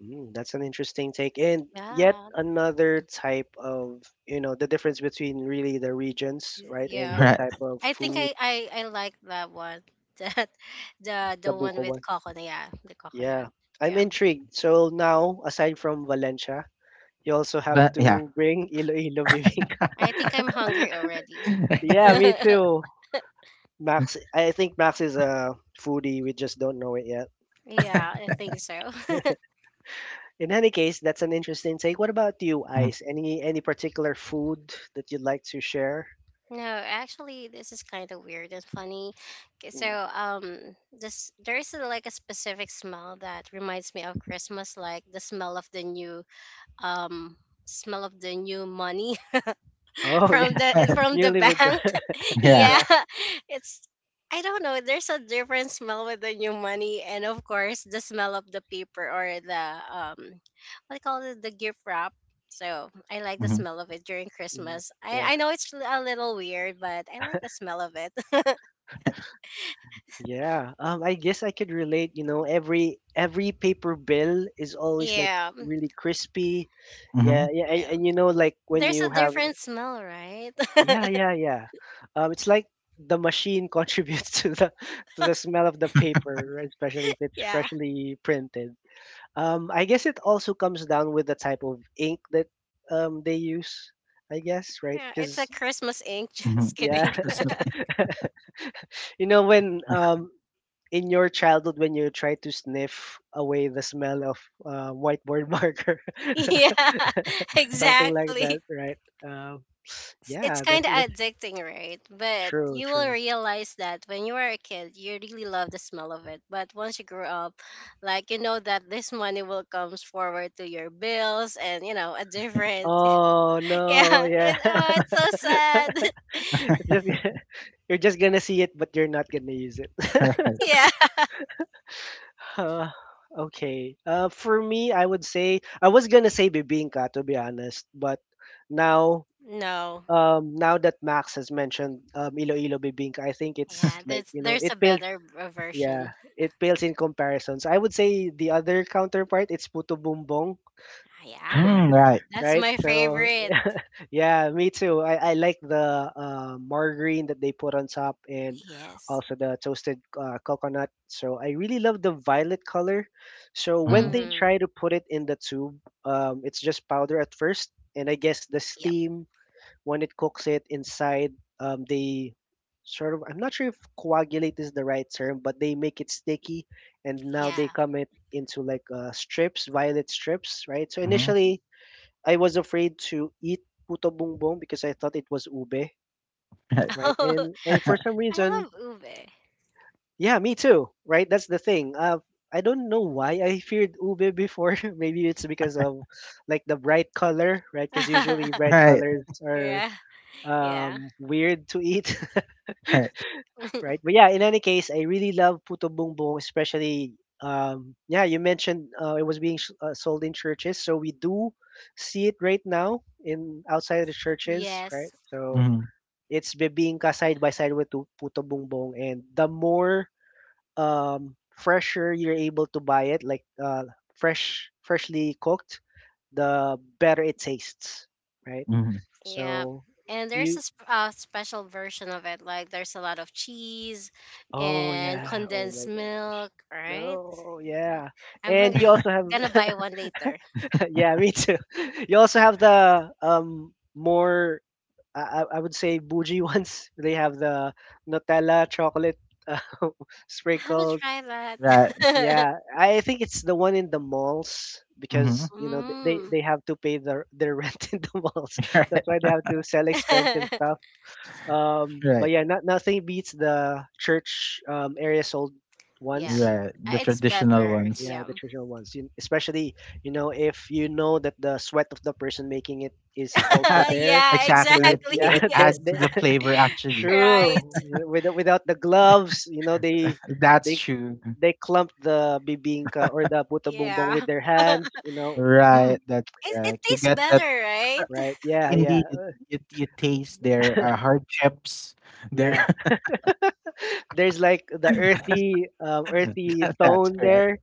Mm, that's an interesting take. And yet
Yeah,
another type of, you know, the difference between really the regions, right? And
yeah.
what
Right.
type of
I think
food,
I like that one. [laughs] That, the
the
the one
buko
with
one.
coconut. Yeah, the
Yeah,
coconut.
I'm
Yeah.
intrigued. So now, aside from Valencia, you also have
But yeah.
to bring Iloilo bibingka.
I think I'm hungry already.
[laughs]
[laughs]
[laughs]
Yeah, me
Yeah,
too. Max, I think Max is a foodie. We just don't know it yet.
I think so. [laughs]
In any case, that's an interesting take. What about you,
Mhm.
Ice? Any particular food that you'd like to share?
No, actually, this is kind of weird and funny. 'Kay, so,
Mm.
this there's like a specific smell that reminds me of Christmas, like the smell of the new, um, smell of the new money. [laughs]
Oh, [laughs]
from
yeah,
the
[laughs]
from the
newly withdrawn.
bank. [laughs]
[laughs]
Yeah,
Yeah.
Yeah.
it's I don't know. There's a different smell with the new money, and of course the smell of the paper, or the what do you call it, the gift wrap. So I like the
Mhm,
smell of it during
Mm.
Christmas. I
Yeah,
I know it's a little weird, but I like the smell of it. [laughs]
yeah. I guess I could relate. You know, every paper bill is always like
Yeah,
really crispy. Yeah,
mhm,
yeah, and,
yeah.
and you know, like when
There's
you
a
have,
different smell, right?
yeah,
[laughs]
yeah, yeah. It's like the machine contributes [laughs] to the smell of the paper, right? Especially if it's
Yeah.
freshly printed. I guess it also comes down with the type of ink that they use. I guess, right?
Yeah, it's a
Because
Christmas ink. [laughs] Just
mhm.
yeah,
[laughs]
kidding. [laughs]
Christmas.
[laughs] you know when in your childhood when you try to sniff away the smell of whiteboard [laughs] marker,
Yeah, [laughs]
[laughs] something like that,
exactly.
right? Um,
It's
yeah,
kind of
that's
addicting, right? But
true,
you will
true.
realize that when you were a kid, you really love the smell of it. But once you grow up, like, you know that this money will comes forward to your bills, and you know a different.
Oh
[laughs] Yeah,
no, yeah,
oh, it's so
[laughs]
sad. [laughs]
it's just [laughs] you're just gonna see it, but you're not gonna use it. [laughs]
[laughs]
Yeah.
Uh, okay. For me, I would say I was gonna say bibingka to be honest, but now,
No.
now that Max has mentioned Iloilo bibingka, I think it's
Yeah,
like
there's
you know
there's a
it pales.
better
Yeah,
version.
it pales in comparisons. I would say the other counterpart, it's Puto Bumbong,
Ah, yeah,
Mm, right.
that's
right?
my
So,
favorite.
[laughs] yeah, me too. I like the margarine that they put on top and
Yes.
also the toasted coconut. So, I really love the violet color. So, when
Mhm,
they
Mm.
try to put it in the tube, it's just powder at first. And I guess the
Yep.
steam when it cooks it inside they sort of, I'm not sure if coagulate is the right term, but they make it sticky and now they
Yeah.
come it into like strips, violet strips, right? So
mhm.
initially I was afraid to eat puto bumbong because I thought it was ube,
Right.
right? and
[laughs]
and for some
[laughs]
reason
I love ube.
yeah, me too, right? That's the thing, I don't know why I feared ube before. [laughs] Maybe it's because of like the bright color, right? Because usually
[laughs]
bright
Right,
colors are
Yeah. Yeah.
weird to eat. [laughs]
right.
Right. But
[laughs]
yeah, in any case, I really love Puto Bumbong, especially yeah, you mentioned it was being sold in churches, so we do see it right now in outside of the churches, right?
Yes.
So
Mhm,
it's bibingka side by side with Puto Bumbong and the more fresher you're able to buy it, like freshly cooked, the better it tastes, right?
mhm.
Yeah.
So
And there's
you.
a special version of it. Like there's a lot of cheese
Oh
and
yeah. Oh
condensed
my gosh.
milk, right?
No, yeah.
I'm
And you
hungry.
also
Gonna
have
buy one later.
[laughs] yeah, me too. [laughs] You also have the um, more I, I would say bougie ones. [laughs] They have the Nutella chocolate uh, [laughs]
I haven't
sprinkles.
tried
Right.
that.
Yeah. I think it's the one in the malls
Mhm.
because
[laughs]
you know
Mm.
they have to pay their rent [laughs] in the malls. That's why they
[laughs]
have to sell expensive
[laughs]
stuff.
Right,
But
right,
yeah, nothing beats the church area sold ones.
Yum.
right. The
It's
traditional
better.
ones.
Yeah, the
Yum.
trivial ones. You, especially, you know, if you know that the sweat of the person making it is
[laughs]
also
[laughs]
there,
Yeah,
Exactly,
right?
it
exactly.
Yeah,
[laughs]
it
[laughs]
Yes.
adds to the
[laughs]
flavor
[laughs]
actually.
Right.
true. Without the gloves, you know, they
That's
they
true.
they clump the bibingka or the buto bumbong
Yeah.
with their
[laughs] it,
hands, you know.
Right,
Mm.
that's
it
right. You
tastes
get
better,
that
right? [laughs]
Right? Yeah,
indeed, you taste their, hardships, their
yeah. There's like the earthy earthy
[laughs] that's
tone
correct.
there,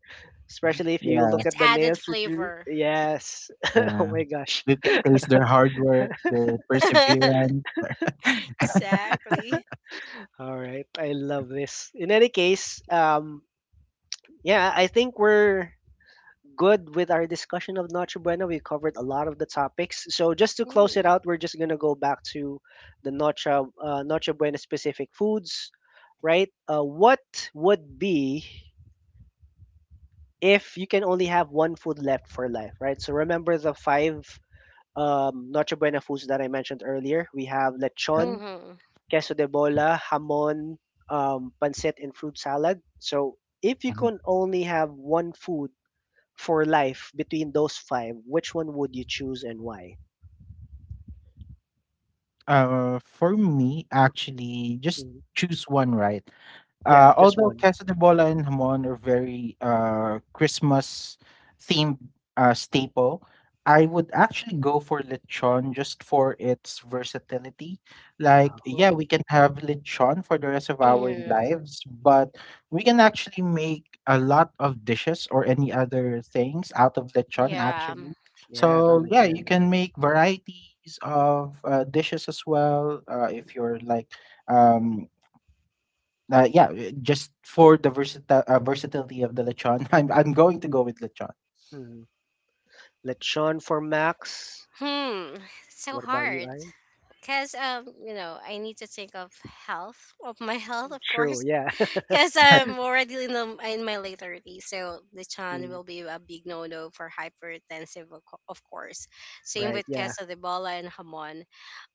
especially if you
Yeah,
look
It's
at the
added
nails with your
flavor.
yes. [laughs] oh
yeah.
my gosh.
You can taste their hard work, their
[laughs]
perseverance. [laughs]
Exactly.
All right, I love this. In any case, yeah, I think we're good with our discussion of Noche Buena. We covered a lot of the topics. So just to close it
Mm.
out, we're just gonna go back to the Noche Buena specific foods, right? What would be if you can only have one food left for life, right? So remember the five Noche Buena foods that I mentioned earlier. We have
Right.
lechon,
Mm-hmm.
queso de bola, hamon, pancit, and fruit salad. So if you
Mhm.
can only have one food for life between those five, which one would you choose and why?
For me, actually, just
Mhm.
choose one, right?
Yeah, just
Although
one.
queso de bola and Hamon are very Christmas themed staple, I would actually go for lechon just for its versatility. Like, yeah,
Oh,
we can have lechon for the rest of our
Mm.
lives, but we can actually make a lot of dishes or any other things out of lechon,
Yeah.
actually.
yeah, that
So,
makes
yeah, you
sense.
can
Yeah.
make varieties of dishes as well if you're like um yeah, just for the versatility of the lechon, [laughs] I'm going to go with lechon.
Mhm. Lechon for Max.
Hmm. So
What about you,
hard.
I?
Cause I need to think of health, of my [laughs] health, of
True,
course.
yeah. [laughs]
[laughs] Cause
[laughs]
I'm already in my late 30s, so lechon
Mm.
will be a big no no for hypertensive, of course. Same with
Right,
queso de bola and hamon.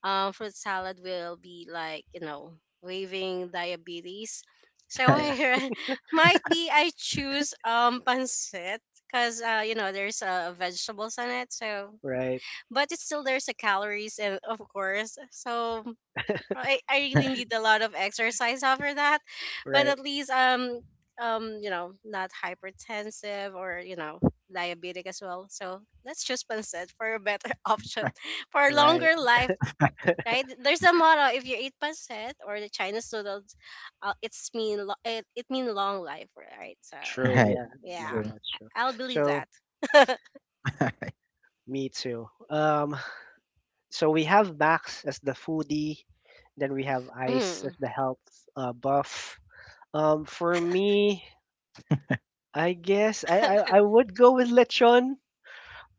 Fruit salad will be like, waiving diabetes, so [laughs]
Right,
yeah,
might be I choose pancit, because there's vegetables on it, so
right,
but it's still there's a calories, and of course, so I really need
[laughs]
a lot of exercise after that. But
right,
at least not hypertensive or diabetic as well, so let's choose pancit for a better [laughs] option for a
right.
longer life, right? There's a motto: if you eat pancit or the Chinese noodles, it mean long life, right? So
True,
right,
yeah,
true.
that's true.
I'll believe
So,
that. [laughs]
[laughs]
me too. So we have Max as the foodie, then we have Ice as
Mhm.
the health buff. For me, I guess I would go with lechon.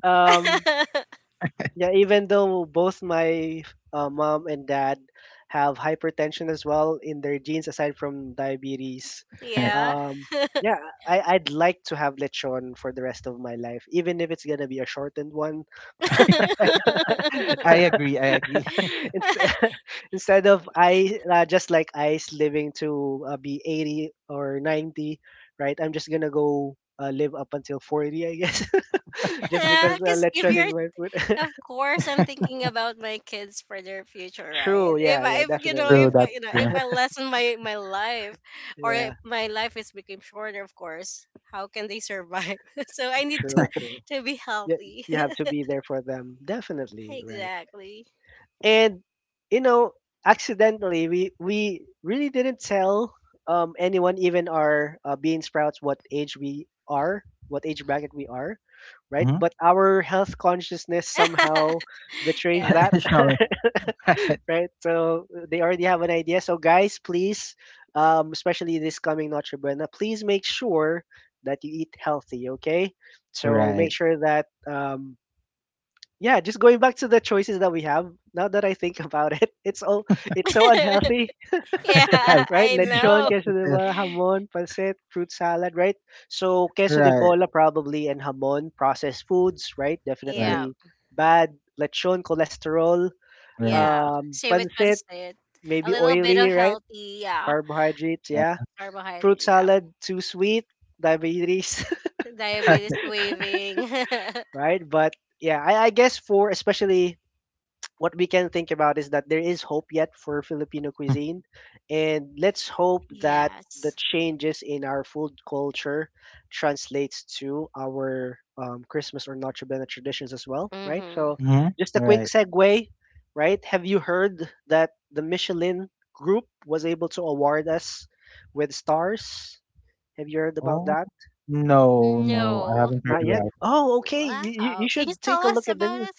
Um,
[laughs]
yeah, even though both my mom and dad have hypertension as well in their genes, aside from diabetes.
Right.
Yeah.
Um,
[laughs]
yeah, I'd like to have lechon for the rest of my life, even if it's gonna be a shortened one.
[laughs]
[laughs]
I
[laughs]
agree. I agree.
[laughs] Inst- [laughs] instead of I just like ice living to be 80 or 90. Right, I'm just gonna go live up until 40, I guess, [laughs] just
Yeah,
because
because if
lechon is
you're
my food.
of course, I'm
[laughs]
thinking about my kids for their future,
[laughs]
right?
true, yeah, yeah, definitely,
If
True.
yeah.
I,
That's
you know, if
true.
I lessen my life, or if
Yeah,
my life is became shorter, of course, how can they survive? [laughs] So I need to
true, true,
to be
yeah.
healthy.
You have to
[laughs]
be there for them, definitely, right?
Exactly.
And you know, accidentally, we really didn't tell anyone, even our bean sprouts, what age we are, what age bracket we are, right?
Hmm.
But our health consciousness somehow
[laughs]
betrays
Yeah.
that.
[laughs] Showing. [laughs]
[laughs] right, so they already have an idea. So guys, please, especially this coming Notre Buena, please make sure that you eat healthy, okay? So make
Right.
sure that yeah, just going back to the choices that we have, now that I think about it, [laughs] it's all, it's so
[laughs]
unhealthy.
Yeah,
[laughs] Right. Right.
[laughs] right,
I
Yes,
lechon,
know.
queso
it
de
is.
bola, hamon, pancit, fruit salad, right? So queso de
Right.
bola probably and hamon, processed foods, right?
Right.
Yeah,
Definitely bad. Lechon, cholesterol.
Right.
yeah. Same with
Pancit,
pancit. A
maybe
little bit
oily,
of
right?
healthy, yeah.
Carbohydrates, yeah. Fruit
Carbohydrate, yeah.
salad, too sweet, diabetes.
Diabetes
Right.
waving.
[laughs] right, but yeah, I guess for especially what we can think about is that there is hope yet for Filipino
[laughs]
cuisine. And let's
[laughs]
hope that the
Yes.
changes in our food culture translates to our Christmas or Noche Buena traditions as well, right?
Mm-hmm.
So,
Mhm,
just a quick
right.
segue, right? Have you heard that the Michelin group was able to award us with stars? Have you heard about
Oh,
that?
no, no, I
No.
haven't heard
Not yet.
about it.
Oh, okay.
Wow.
You
Can you
should
tell
take a look
us
at the
about
news.
it?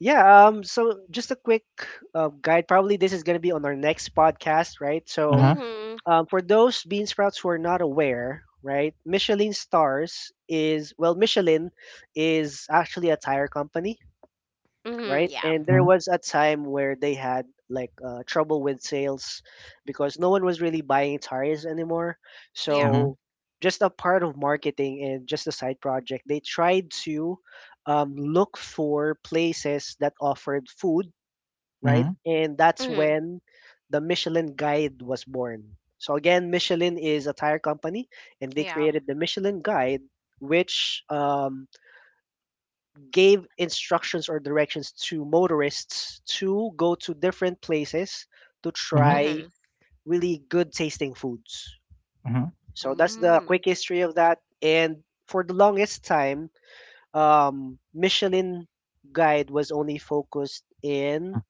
Yeah, so just a quick guide. Probably this is going to be on our next podcast, right? So,
Mhm,
Mm-hmm.
for those bean sprouts who are not aware, right, Michelin Stars is, well, Michelin is actually a tire company,
Mm-hmm.
right?
Yeah.
And there
mhm,
was a time where they had like trouble with sales, because no one was really buying tires anymore.
Yeah.
mhm,
So just a part of marketing and just a side project, they tried to look for places that offered food, right?
mhm,
And that's
Mm-hmm.
when the Michelin Guide was born. So again, Michelin is a tire company, and they
Yeah.
created the Michelin Guide, which gave instructions or directions to motorists to go to different places to
mhm,
try
Mm-hmm.
really good tasting foods.
mhm,
So that's the
Mm-hmm.
quick history of that. And for the longest time, Michelin guide was only focused
mm,
in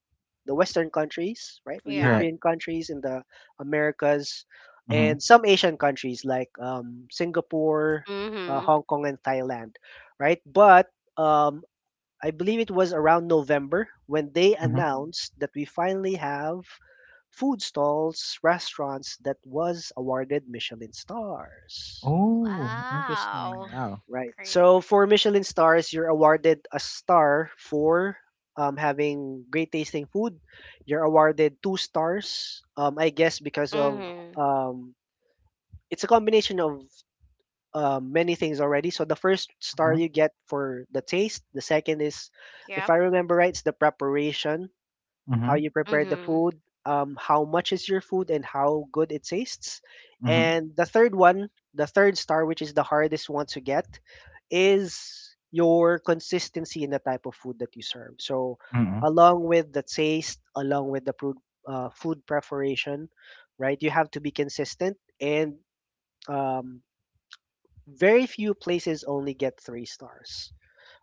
the Western countries, right?
Yeah.
right,
European countries, in the Americas,
mhm,
and some Asian countries like Singapore,
Mm-hmm.
Hong Kong, and Thailand, right? But um, I believe it was around November when they
mhm.
announced that we finally have food stalls, restaurants that was awarded Michelin stars.
Oh, interesting,
Wow.
wow.
Right.
Great.
So for Michelin stars, you're awarded a star for having great tasting food. You're awarded two stars, I guess, because of
Mm-hmm.
um, it's a combination of many things already. So the first star
Mhm,
you get for the taste, the second is, if
Yep.
I remember right, it's the preparation, how
mhm,
you prepare the
Mm-hmm.
food, how much is your food, and how good it tastes.
mhm,
And the third one, the third star, which is the hardest one to get, is your consistency in the type of food that you serve. So,
mhm,
along with the taste, along with the food, food preparation, right? You have to be consistent, and um, very few places only get three stars,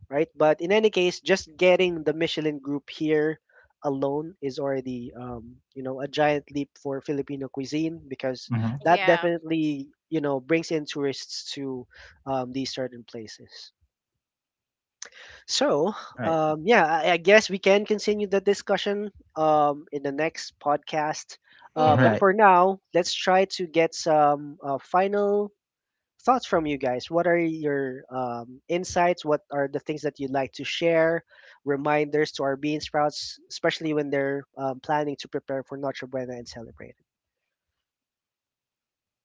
right? But in any case, just getting the Michelin group here alone is already, you know, a giant leap for Filipino cuisine, because
mhm,
that
Yeah.
definitely, you know, brings in tourists to these certain places. So,
right,
yeah, I guess we can continue the discussion in the next podcast.
Mm-hmm.
But
right.
for now, let's try to get some final thoughts from you guys. What are your insights? What are the things that you'd like to share? Reminders to our bean sprouts, especially when they're planning to prepare for Noche Buena and celebrate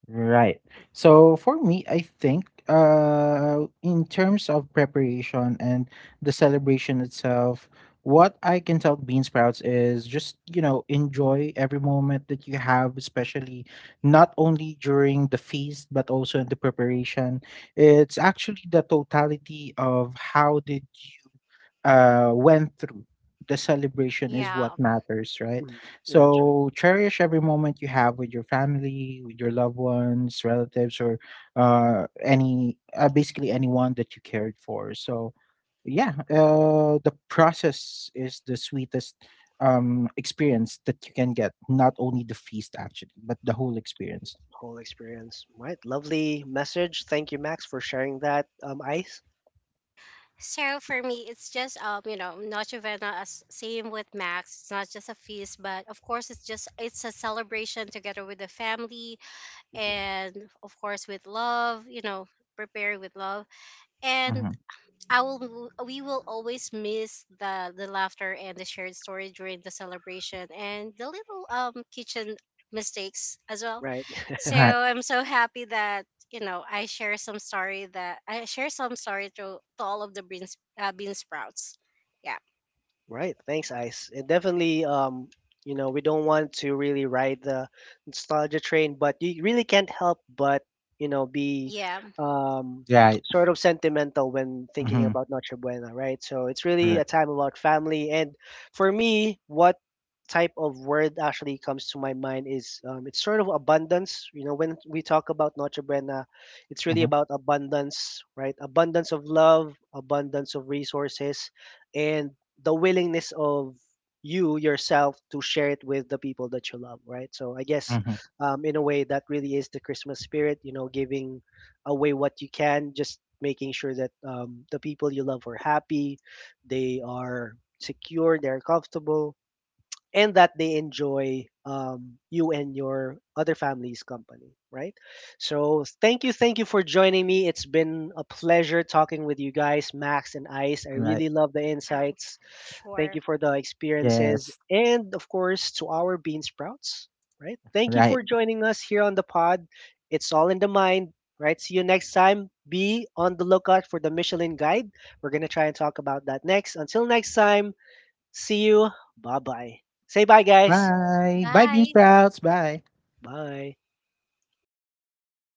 Right. So for me, I think in terms of preparation and the celebration itself, what I can tell bean sprouts is just, you know, enjoy every moment that you have, especially not only during the feast but also in the preparation. It's actually the totality of how did you went through. The celebration is what
Yeah.
matters, right?
it. Mm, yeah, true.
So cherish every moment you have with your family, with your loved ones, relatives, or any basically anyone that you cared for. So yeah, the process is the sweetest experience that you can get. Not only the feast actually, but the whole experience.
Whole experience. Right. Lovely message. Thank you, Max, for sharing that ice.
So for me, it's just Noche Vena, as same with Max. It's not just a feast, but of course, it's a celebration together with the family,
Mhm.
and of course, with love, prepare with love, and
Mhm.
I will we will always miss the laughter and the shared story during the celebration, and the little kitchen mistakes as well.
Right.
So
Right.
I'm so happy that I share some story to all of the bean sprouts. Yeah.
Right. Thanks, Ice. It definitely, you know, we don't want to really ride the nostalgia train, but you really can't help but, you know, be
Yeah.
um,
Right.
sort of sentimental when thinking
Mhm.
about Noche Buena, right? So it's really
Right.
a time about family. And for me, what type of word actually comes to my mind is it's sort of abundance. You know, when we talk about Noche Buena, it's really
Mhm.
about abundance, right? Abundance of love, abundance of resources. And the willingness of you yourself to share it with the people that you love, right? So I guess
Mhm.
in a way that really is the Christmas spirit, you know, giving away what you can, just making sure that the people you love are happy, they are secure, they're comfortable, and that they enjoy you and your other family's company, right? So thank you for joining me. It's been a pleasure talking with you guys, Max and Ice. I
Right.
really love the
Sure.
insights. Thank
Sure.
you for the experiences
Yes.
and, of course, to our bean sprouts, right? Thank you
Right.
for joining us here on the pod. It's all in the mind, right? See you next time. Be on the lookout for the Michelin guide. We're going to try and talk about that next. Until next time, see you. Bye bye. Say bye, guys.
Bye. Bye, bean
Bye.
sprouts. Bye.
Bye.